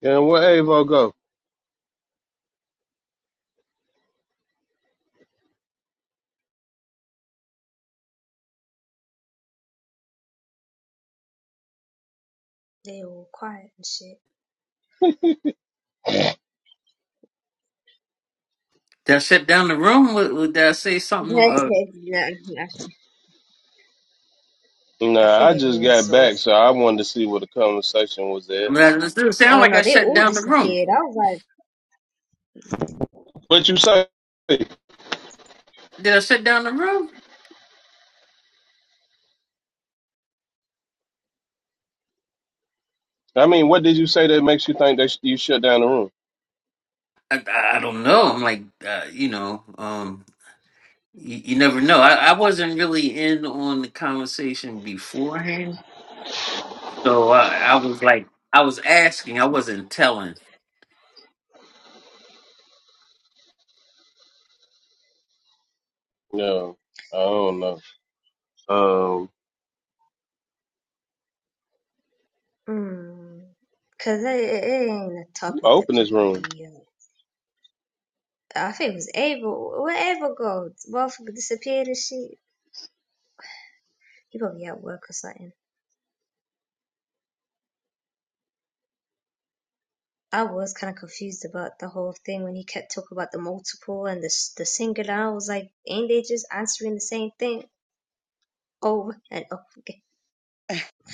Yeah, where Avo go? They all quiet and shit. Did I shut down the room? Wa- wa- Did I say no, something? Uh, I I Nah, think I just everyone's got sort of. back, so I wanted to see where the conversation was I at. mean, it doesn't sound Oh like no, I they shut all down the room. disappeared. I was like, What you say? Did I shut down the room? I mean, what did you say that makes you think that sh- you shut down the room? I, I I don't know. I'm like, uh, you know, um, You, you never know. I, I wasn't really in on the conversation beforehand, so I, I was like, I was asking, I wasn't telling. No, I don't know. Um, Mm. Cause it, it it ain't a who topic that opened this people room? be. Uh, I think it was Abel. Where Abel go? Motherfucker disappeared and shit. He probably at work or something. I was kind of confused about the whole thing when he kept talking about the multiple and the s- the singular. I was like, ain't they just answering the same thing over and over again?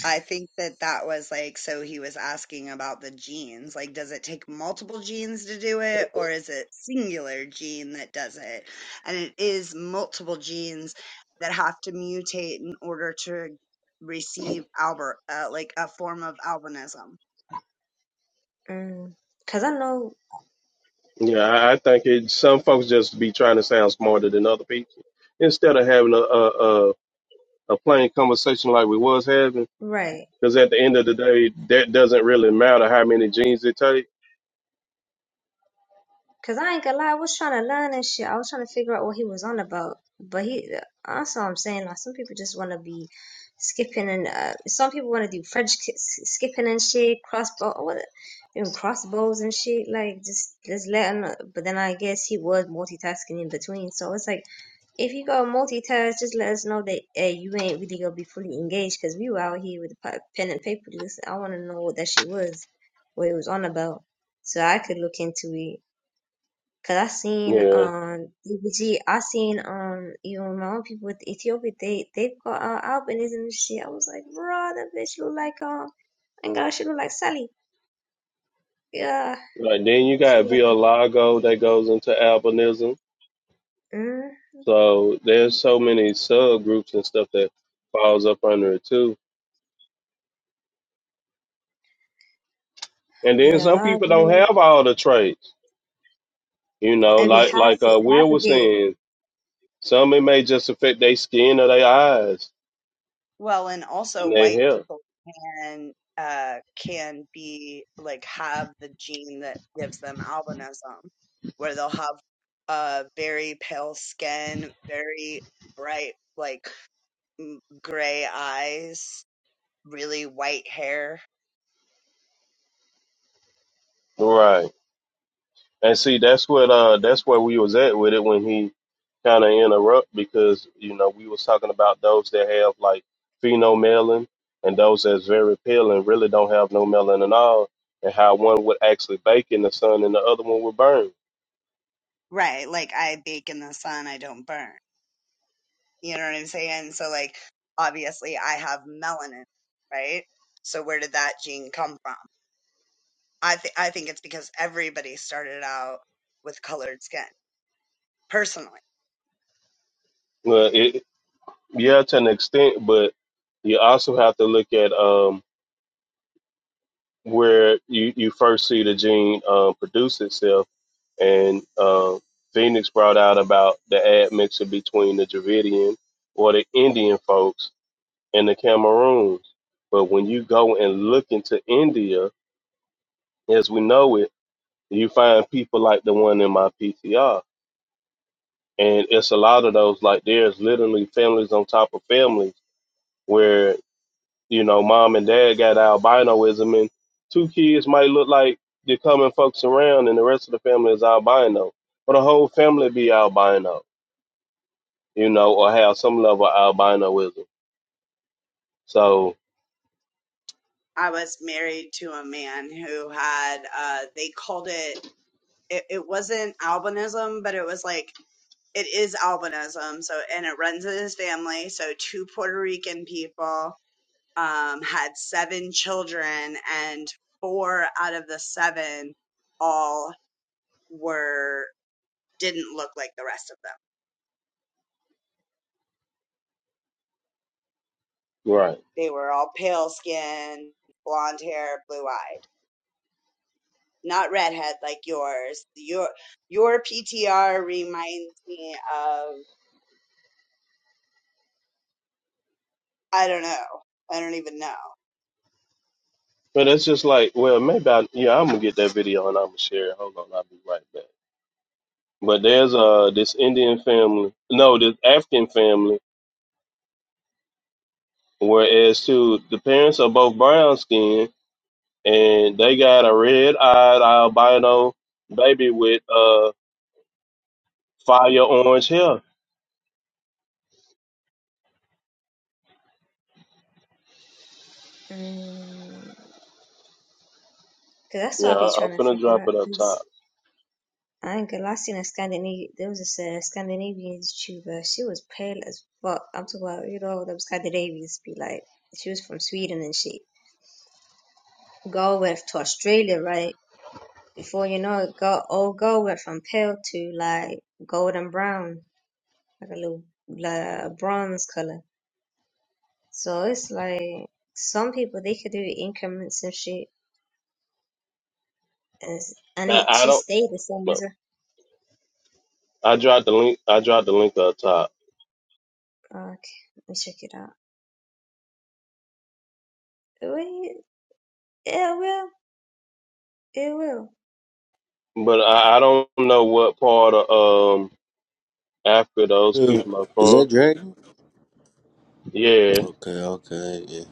I think that that was like, so he was asking about the genes. Like, does it take multiple genes to do it, or is it singular gene that does it? And it is multiple genes that have to mutate in order to receive Albert, uh, like a form of albinism. Mm. Cause I know, Yeah, I, I think it, some folks just be trying to sound smarter than other people instead of having a a, a, a plain conversation like we was having. right. Because at the end of the day, that doesn't really matter how many genes it take. Cause I ain't gonna lie, I was trying to learn and shit. I was trying to figure out what he was on about. But he, also I'm saying like some people just want to be skipping and uh, some people want to do French ki- s- skipping and shit, crossbow, what, doing crossbows and shit. Like just just let him. But then I guess he was multitasking in between, so it's like If you go multitask, just let us know that hey, you ain't really gonna be fully engaged because we were out here with a pen and paper. Listen, I want to know what that shit was, what it was on about, so I could look into it. Cause I seen Yeah, um DBG, I seen um you know my own people with Ethiopia, they they've got uh, albinism and shit. I was like, bro, that bitch look like um, and God, she look like Sally. Yeah, like then you she got look like Villalago that goes into albinism. mm, So there's so many subgroups and stuff that falls up under it too. And then some yeah, people don't have all the traits. You know, I be half like like uh, half Will a was bit. saying, some it may just affect their skin or their eyes Well, and also and their white hair. people and uh, can be like have the gene that gives them albinism, where they'll have uh, very pale skin, very bright, like m- gray eyes, really white hair. Right. And see, that's what uh that's where we was at with it when he kind of interrupt because you know we was talking about those that have like phenomelanin and those that's very pale and really don't have no melanin at all, and how one would actually bake in the sun and the other one would burn. Right. Like I bake in the sun, I don't burn. You know what I'm saying? So, like, obviously, I have melanin, right? So, where did that gene come from? I, th- I think it's because everybody started out with colored skin, personally Well, it yeah to an extent, but you also have to look at um where you, you first see the gene um, produce itself, and um, Phoenix brought out about the admixture between the Dravidian or the Indian folks and the Cameroons. But when you go and look into India, as we know it, you find people like the one in my PTR, and it's a lot of those. Like there's literally families on top of families where You know, mom and dad got albinoism, and two kids might look like they're common folks around, and the rest of the family is albino, but the whole family be albino, you know, or have some level of albinoism. So, I was married to a man who had uh they called it it, it wasn't albinism, but it was like it is albinism. So and it runs in his family. So two Puerto Rican people um had seven children and four out of the seven all were didn't look like the rest of them. right. They were all pale skin, blonde hair, blue eyes not redhead like yours. Your your PTR reminds me of I don't know. I don't even know. But it's just like, well, maybe I, yeah, I'm gonna get that video and I'm gonna share it. Hold on, I'll be right back. But there's uh this Indian family, no, this African family, whereas too the parents are both brown skinned and they got a red eyed albino baby with uh fire orange hair. Mm. Cause that's Yeah, what I'll be I- I'm trying to finna figure drop out. it up top. Cause I ain't gonna lie, I seen a Scandinavian. There was a uh, Scandinavian YouTuber. She was pale as fuck. I'm talking about you know them Scandinavians be like. She was from Sweden and she go went to Australia, right? Before you know it, go all go went from pale to like golden brown, like a little like bronze color. So it's like some people they could do increments and shit, and, it's- and Now it I she don't stayed the same know. as her. I dropped the link. I dropped the link up top, Okay, let me check it out. Yeah, it will. It will. but I, I don't know what part of um Africa those Yeah. people are Is that from. Dragon? Yeah, Okay, okay, yeah.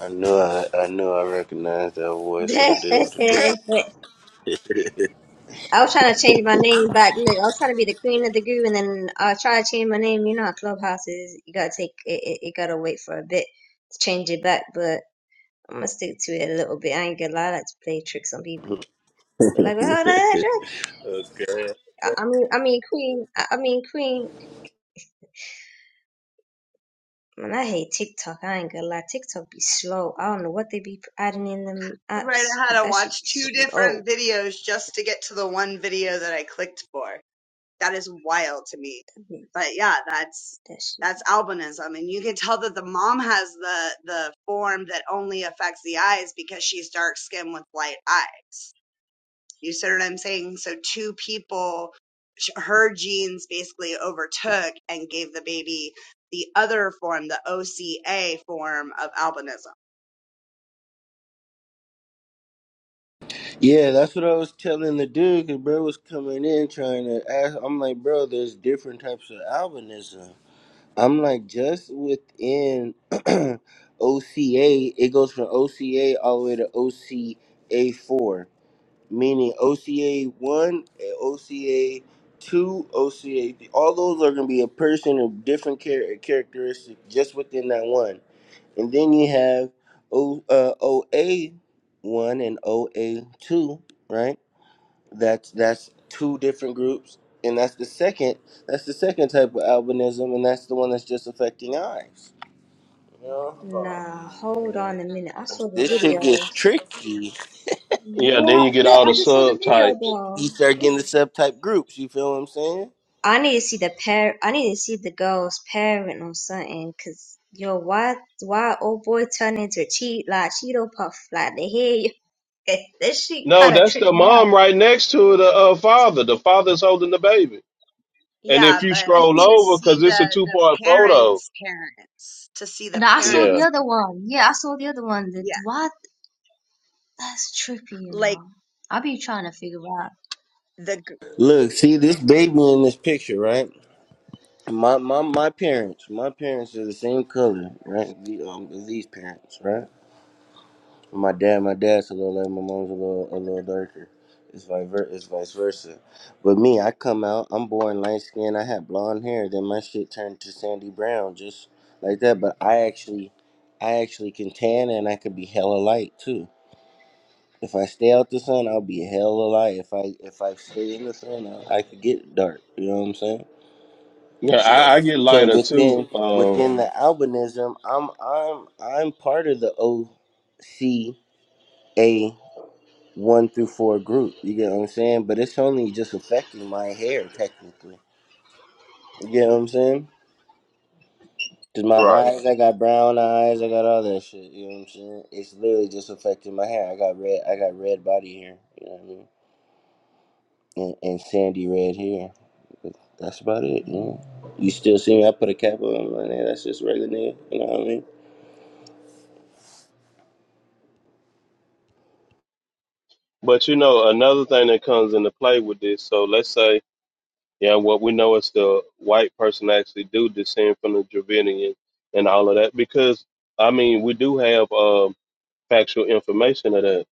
I knew I, I knew I recognized that voice. What it do? What I was trying to change my name back. Look, I was trying to be the queen of the group, and then I tried to change my name. You know how Clubhouse is. You gotta take it. It, it gotta wait for a bit to change it back. But I'm gonna stick to it a little bit. I ain't gonna lie. I like to play tricks on people. Like, well, how the it heck, do? Drake? okay. I I mean, I mean, queen. I I mean, queen. Man, I hate TikTok. I ain't gonna lie. TikTok be slow. I don't know what they be adding in them Right, apps, I but had to that should watch be two slow. different videos just to get to the one video that I clicked for. That is wild to me. That be, But yeah, that's that shit that's albinism, and you can tell that the mom has the the form that only affects the eyes because she's dark skinned with light eyes. You see what I'm saying? So two people, sh- her genes basically overtook and gave the baby the other form, the OCA form of albinism. Yeah, that's what I was telling the dude. Cause bro was coming in trying to ask. I'm like, bro, there's different types of albinism. I'm like just within OCA. It goes from OCA all the way to OCA four, meaning OCA one, OCA two, OCA. All those are gonna be a person of different char- characteristic just within that one, and then you have O uh, OA one and OA two, right? That's that's two different groups, and that's the second. That's the second type of albinism, and that's the one that's just affecting eyes. Yeah. Nah, hold on a minute. I saw the This shit gets video. tricky. yeah. Then What? you get Look, all I the just saw the video subtypes. You though. start getting the It's- subtype groups. You feel what I'm saying? I need to see the par. I need to see the girl's parent or something. Cause yo, why, why old boy turn into a cheat like Cheeto Puff like the hair? That shit No, kind of that's tripped the me out. mom right next to the uh, father. The father's holding the baby. And if Yeah, you but scroll And to over, because see it's a the two the part photo. parents' parents, to see and the I saw Yeah. the parents, other one. Yeah, I saw the other one. That yeah, what? That's trippy, you like know. I be trying to figure out. the g- Look, see this baby in this picture, right? My my my parents, my parents are the same color, right? The, um, these parents, right? My dad, my dad's a little lame. My mom's a little a little darker. It's vice ver- it's vice versa. But me, I come out. I'm born light skinned I had blonde hair. Then my shit turned to sandy brown, just like that. But I actually, I actually can tan, and I could be hella light too. If I stay out the sun, I'll be hella light. If I if I stay in the sun, I, I could get dark. You know what I'm saying? Yeah, So, I, I get so lighter too. within Um, within the albinism, I'm I'm I'm part of the O C A one through four group. You get what I'm saying? But it's only just affecting my hair technically. You get what I'm saying? Cause my Right. eyes, I got brown eyes, I got all that shit. You know what I'm saying? It's literally just affecting my hair. I got red, I got red body hair. You know what I mean? And, and sandy red hair. But that's about it. You know? You still see me? I put a cap on my name. That's just regular name. You know what I mean? but you know, another thing that comes into play with this. So let's say, yeah, what we know is the white person actually do descend from the Dravidian and all of that, because I mean, we do have um, factual information of that.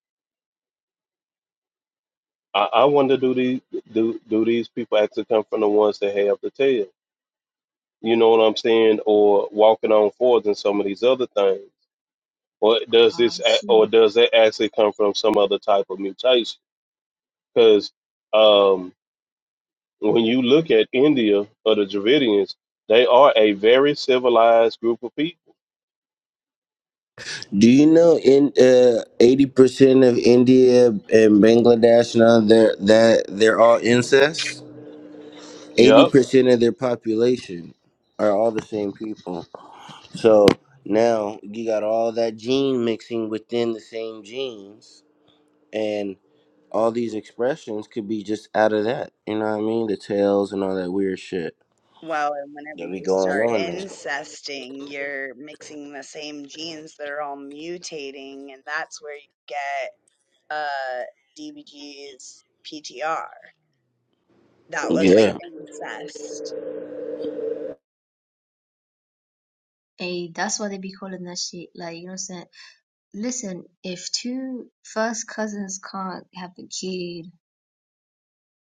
I, I wonder, do these do do these people actually come from the ones that have the tail? You know what I'm saying, or walking on fours and some of these other things, or does Oh this, a- or shit. does that actually come from some other type of mutation? because um, when you look at India or the Dravidians, they are a very civilized group of people. Do you know in uh, eighty percent of India and Bangladesh now they're that they're all incest? eighty Yep. percent of their population are all the same people. So now you got all that gene mixing within the same genes, and all these expressions could be just out of that. You know what I mean? The tails and all that weird shit well, and whenever that be you going start on there. incesting, you're mixing the same genes that are all mutating, and that's where you get uh DBG's PTR. That looks like Yeah, incest. Hey, that's why they be calling that shit. Like you know what I'm saying. Listen, if two first cousins can't have a kid,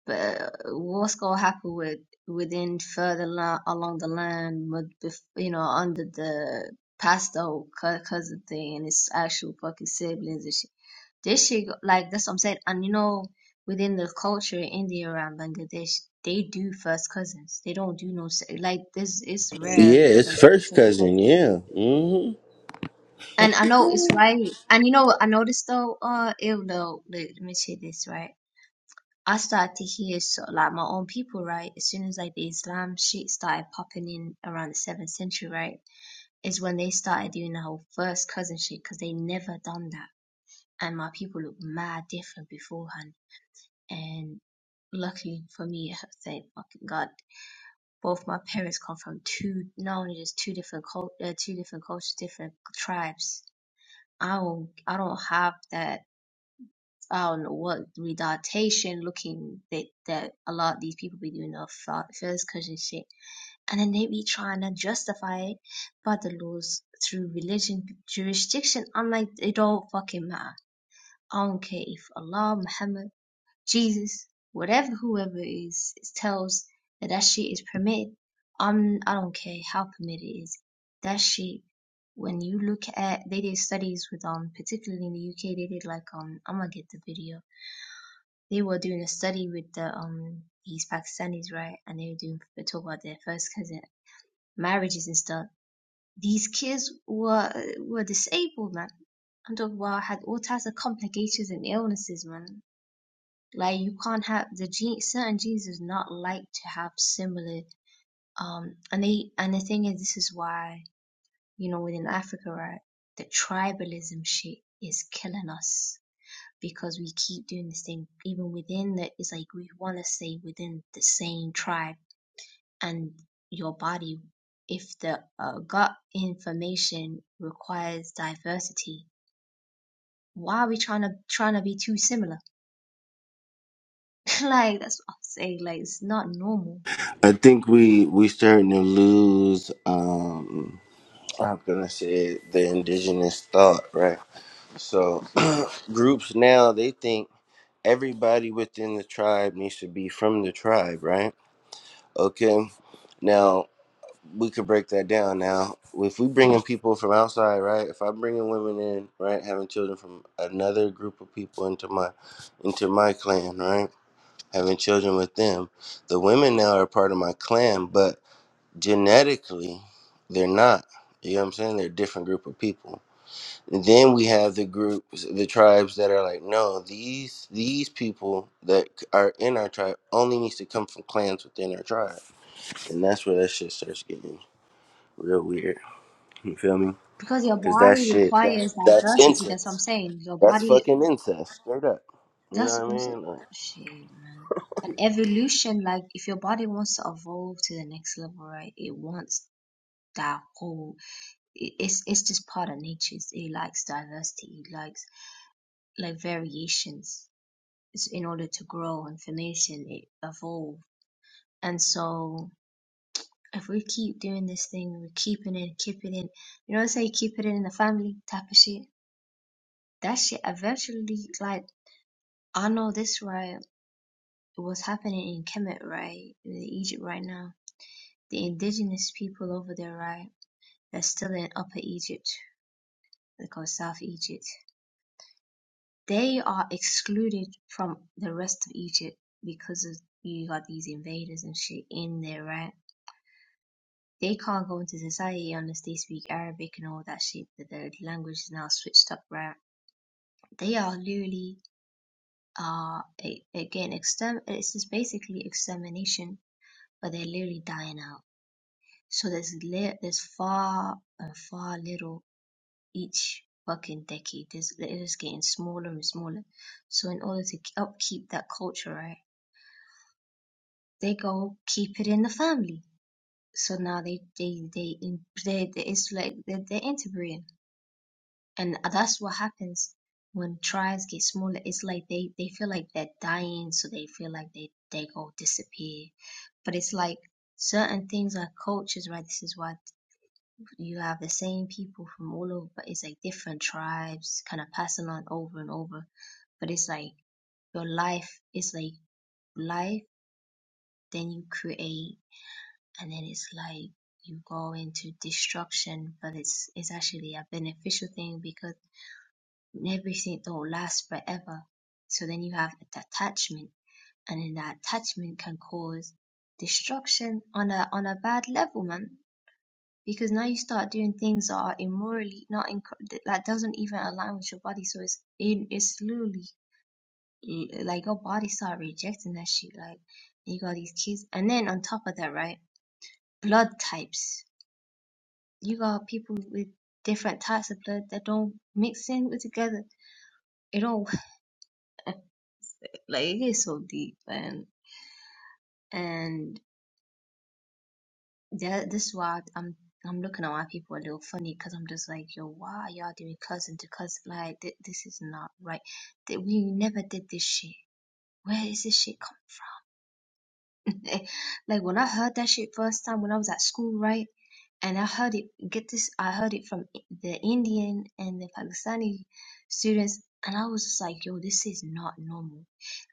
but what's gonna happen with within further li along the line, but bef- you know, under the past old cou- cousin thing and his actual fucking siblings and shit. This shit, go- like that's what I'm saying. And you know, within the culture in India around Bangladesh, they do first cousins. They don't do no se- like this. It's rare yeah, for it's them to do first second cousins. cousin. Yeah, hmm And I know it's right. And you know what I noticed though, uh, even though let, let me say this, right? I started to hear so like my own people, right? As soon as like the Islam shit started popping in around the seventh century, right? Is when they started doing the whole first cousin shit because they never done that. And my people looked mad different beforehand. And luckily for me, thank fucking God, both my parents come from two, not only just two different cult, uh, two different cultures, different tribes I don't I don't have that I don't know what retardation looking that that a lot of these people be doing of fir- first cousin shit, and then they be trying to justify it by the laws through religion jurisdiction. I'm like it don't fucking matter. I don't care if Allah Muhammad Jesus, whatever whoever is, tells that that shit is permitted. I'm I don't care how permitted it is. That shit. When you look at they did studies with um particularly in the UK they did like um I'm gonna get the video. They were doing a study with the um these Pakistanis right, and they were doing they talk about their first cousin marriages and stuff. These kids were were disabled man. I'm talking about had all types of complications and illnesses man. Like you can't have the Je- certain genes is not like to have similar um and they and the thing is this is why, you know, within Africa, right, the tribalism shit is killing us because we keep doing this thing even within the it's like we wanna stay within the same tribe and your body if the uh, gut information requires diversity, why are we trying to trying to be too similar? like that's what I'm saying. Like it's not normal. I think we we starting to lose. um How can I say it? the indigenous thought, right? So Right. groups now they think. everybody within the tribe needs to be from the tribe, right? Okay. Now we could break that down. Now, if we bring in people from outside, right? If I am bringing women in, right, having children from another group of people into my into my clan, right? Having children with them, the women now are part of my clan, but genetically, they're not. You know what I'm saying? They're a different group of people. And then we have the groups, the tribes that are like, no, these these people that are in our tribe only needs to come from clans within our tribe, and that's where that shit starts getting real weird. You feel me? Because your Because that body shit, that's requires that's diversity, that's what I'm incest. saying. Your That's body, fucking incest, straight up. You that's know what what I'm I mean? saying. Like, Shit, man. An evolution, like if your body wants to evolve to the next level, right? It wants that whole. it- It's it's just part of nature. It's- It likes diversity. It likes like variations. It's in order to grow and formation, it evolve. And so, if we keep doing this thing, we're keeping it, keep it in. You know, say keep it in the family type of shit that shit eventually like I know this right, what's happening in Kemet, right, in Egypt right now. The indigenous people over there, right, that's still in Upper Egypt, they call South Egypt. They are excluded from the rest of Egypt because of you got these invaders and shit in there, right? They can't go into society unless they speak Arabic and all that shit. That the language is now switched up, right? They are literally, uh, a- again, exterm. It's just basically extermination, but they're literally dying out So there's le- there's far and far little each fucking decade. There's it is getting smaller and smaller. So in order to k- upkeep that culture, right, they go keep it in the family. So now they they they in- they, they it's like they're, they're interbreeding, and that's what happens when tribes get smaller. It's like they they feel like they're dying, so they feel like they they go disappear. But it's like certain things are cultures, right? This is why You have the same people from all over, but it's like different tribes kind of passing on over and over. But it's like your life is like life, then you create, and then it's like you go into destruction, but it's it's actually a beneficial thing because everything don't last forever. So then you have the attachment, and then that attachment can cause destruction on a on a bad level, man because now you start doing things that are immorally not in that doesn't even align with your body so it's it, it's slowly like your body start rejecting that shit like you got these kids and then on top of that right blood types you got people with different types of blood that don't mix in with together it don't like it gets so deep and and That, this is why I'm I'm looking at why people are a little funny because I'm just like, yo, why are y'all doing cousin to cousin? Like, th- this is not right. That we never did this shit. Where is this shit come from? like when I heard that shit first time when I was at school, right? And I heard it. Get this, I heard it from I- the Indian and the Pakistani students, and I was just like, yo, this is not normal.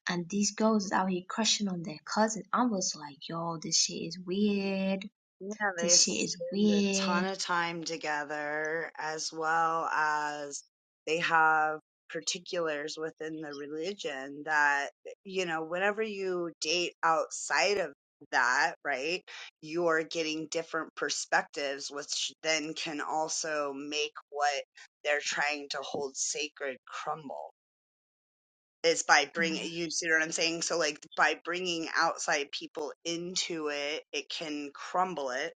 And these girls is out here crushing on their cousin. I was like, yo, this shit is weird. Yeah, they This shit is spend a weird ton of time together, as well as they have particulars within the religion that, you know, whenever you date outside of that, right, you're getting different perspectives, which then can also make what they're trying to hold sacred crumble. is by bring I you see what I'm saying? So like by bringing outside people into it, it can crumble it,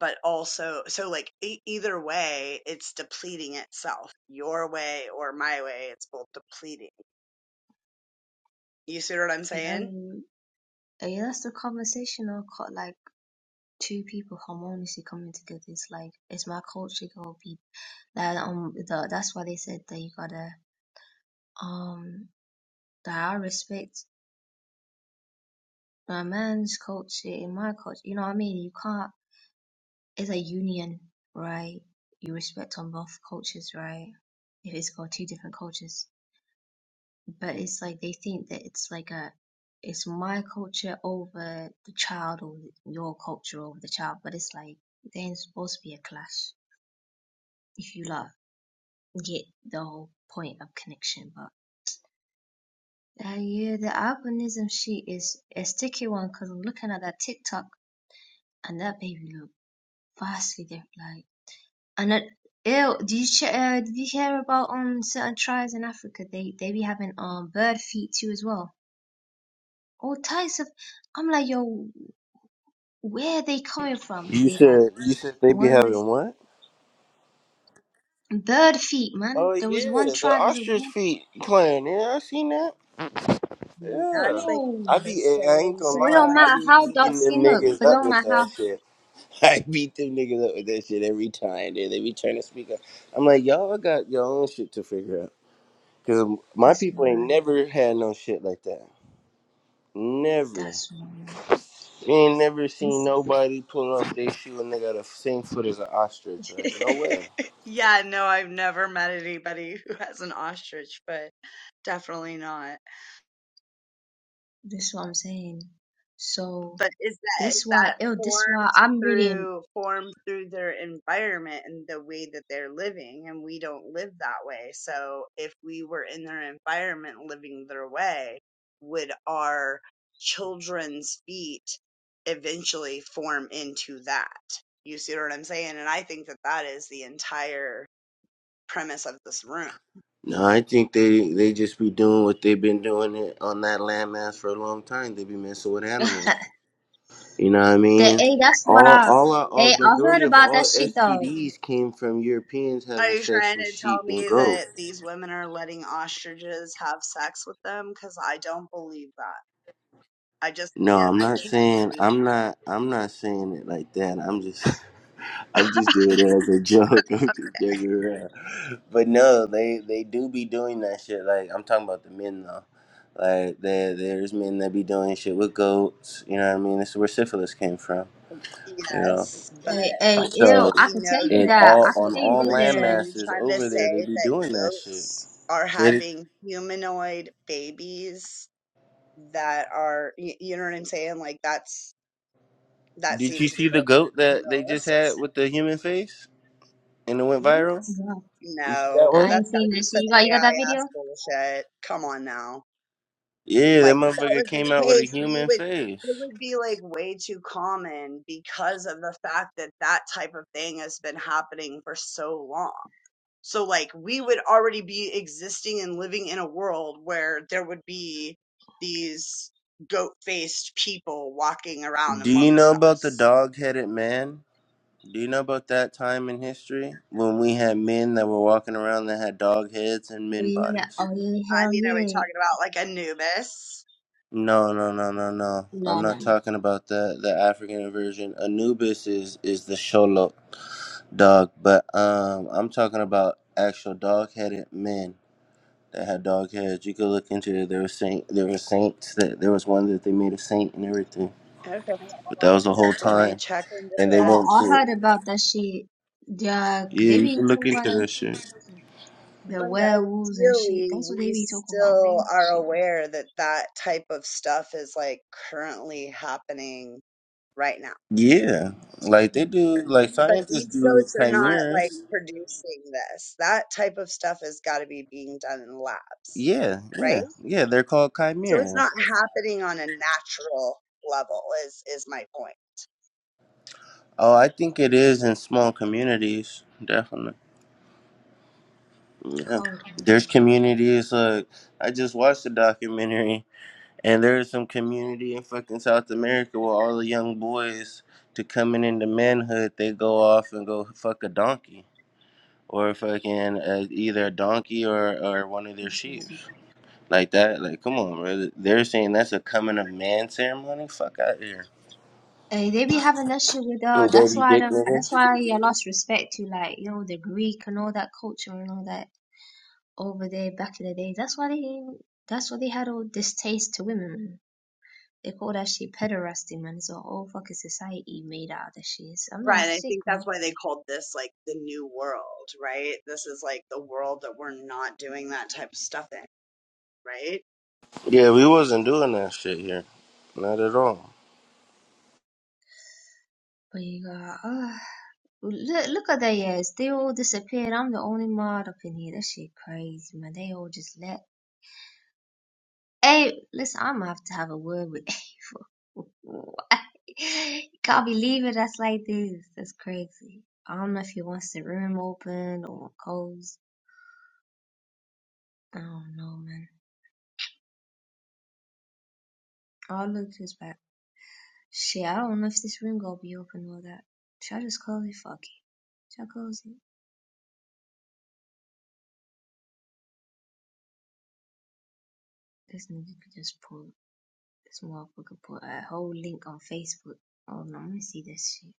but also so like e- either way, it's depleting itself. Your way or my way, it's both depleting. You see what I'm saying? don't. Yeah, that's the conversation of co- like two people harmoniously coming together. It's like it's my culture gonna be that um the, that's why they said that you gotta um that I respect my man's culture in my culture. You know what I mean? You can't. It's a union, right? You respect on both cultures, right? If it's got two different cultures. but it's like they think that it's like a it's my culture over the child or your culture over the child but it's like there ain't supposed to be a clash if you like get the whole point of connection but uh, yeah the albinism sheet is a sticky one because i'm looking at that tiktok and that baby look vastly different like and it Ew, did you che- uh, did you hear about um certain tribes in Africa? They they be having um bird feet too as well. All types of I'm like, yo, where they coming from? you They got said you said they be one with having feet, what? bird feet, man. Oh There was yeah, one the tribe as a ostrich one. feet clan. Yeah, I seen that. Mm, That's Yeah, like I the "Whoa!" be I ain't same gonna So it where lie, don't I matter be how dark beating them skin look, niggas but it up don't with matter how. that shit. I beat them niggas up with that shit every time. They they be trying to speak up. I'm like, y'all got your own shit to figure out. Cause my That's people ain't why. never had no shit like that. Never. That's why. You ain't never seen This. nobody pull off their shoe and they got the same foot as an ostrich. Like, no way. like yeah, no, I've never met anybody who has an ostrich, but definitely not. This what I'm saying. So But is that is this why. that Ew. This why formed I'm reading. through formed through their environment and the way that they're living, and we don't live that way. So if we were in their environment living their way, would our children's feet eventually form into that? You see what I'm saying? And I think that that is the entire premise of this room. No, I think they they just be doing what they've been doing it on that landmass for a long time. They be messing with animals. You know what I That mean? hey, that's what All I. all our all Hey, I heard majority of about that all shit though. STDs came from Europeans Are having you sex trying with to tell sheep and me goats. that these women are letting ostriches have sex with them? Because I don't believe that. I just can't. No, I'm I not can't saying believe. I'm not I'm not saying it like that. I'm just I'm just doing it as a joke. I'm just joking around. But no, they they do be doing that shit. Like I'm talking about the men though. Like there there's men that be doing shit with goats. You know what I mean? This is where syphilis came from. That. You know. Yes, but Hey, hey, so ew. So we I could tell know you that in it that. all I comes could on from tell a you all that. woman. land So that you're masses trying to over there, they say be that doing that shit. goats are So did, having humanoid babies that are you, you know what I'm saying? Like that's that did you seems a see the goat little that they just unrealistic. had with the human face and it went Mhm. viral? yeah, You see that No, I one? ain't that's got to seen be that shit. some You got you got that AI video? ass bullshit. Come on now. Yeah, that Like if that motherfucker was the came out with a case, we human would it face. would be like way too common because of the fact that that type of thing has been happening for so long. So like we would already be existing and living in a world where there would be these goat-faced people walking around Do you amongst know about the us dog headed man? Do you know about that time in history when we had men that were walking around that had dog heads and Oh men yeah, bodies? oh yeah, I hell mean, are we yeah. talking about like Anubis? No, no, no, no, no. No, I'm no, not no. talking about the the African version. Anubis is is the Sholok dog, but um, I'm talking about actual dog headed men that had dog heads. You could look into it. There were saint, there were saints that there was one that they made a saint and everything. Okay, I'll But that was have the whole to definitely time. check into and they Oh, went this. I to heard about that shit. Yeah, Yeah, they you be can look talking about into the, that shit. the But werewolves and shit. ideally, That's what they we be talking about. They still use the are shit. aware that that type of stuff is like currently happening right now. yeah, like they Mm, do, like But scientists these do goats are not like chimeras. producing this. That type of stuff has got to be being done in labs, Yeah, right? yeah, yeah. They're called So it's chimeras. not happening on a natural level is is my point. Oh, I think it is in small communities, definitely. Yeah, Hold on. there's communities. Like I just watched a documentary, and there's some community in fucking South America where all the young boys to coming into manhood, they go off and go fuck a donkey or fucking uh, either a donkey or or one of their That's sheep. what they like that. Like, come on, bro. They're saying that's a coming of man ceremony. Fuck out here, Hey, they be having that shit with uh that's dirty why I dick don't that's niggas. why I lost respect to like, you know, the Greek and all that culture and all that over there back in the day. That's why they that's why they had all distaste to women, man. They call that shit pederasty, man. It's a whole fucking society made out of that shit. I'm not Right, I sick, think man. that's why they called this like the new world, right? This is like the world that we're not doing that type of stuff in, right? Yeah, we wasn't doing that shit here, not at all. But uh, look, look at they ass. They all disappeared. I'm the only mod up in here. That shit crazy, man. They all just left. Hey, listen, I'm gonna have to have a word with April. Why? You can't be leaving us like this. That's crazy. I don't know if he wants the room open or closed. I don't know, man. I'll look this back. Shit, I don't know if this room gonna be open or that. Should I just close it? Fuck it. Should I close it? This nigga could just pull. This motherfucker put a whole link on Facebook. Hold on, let me see this shit.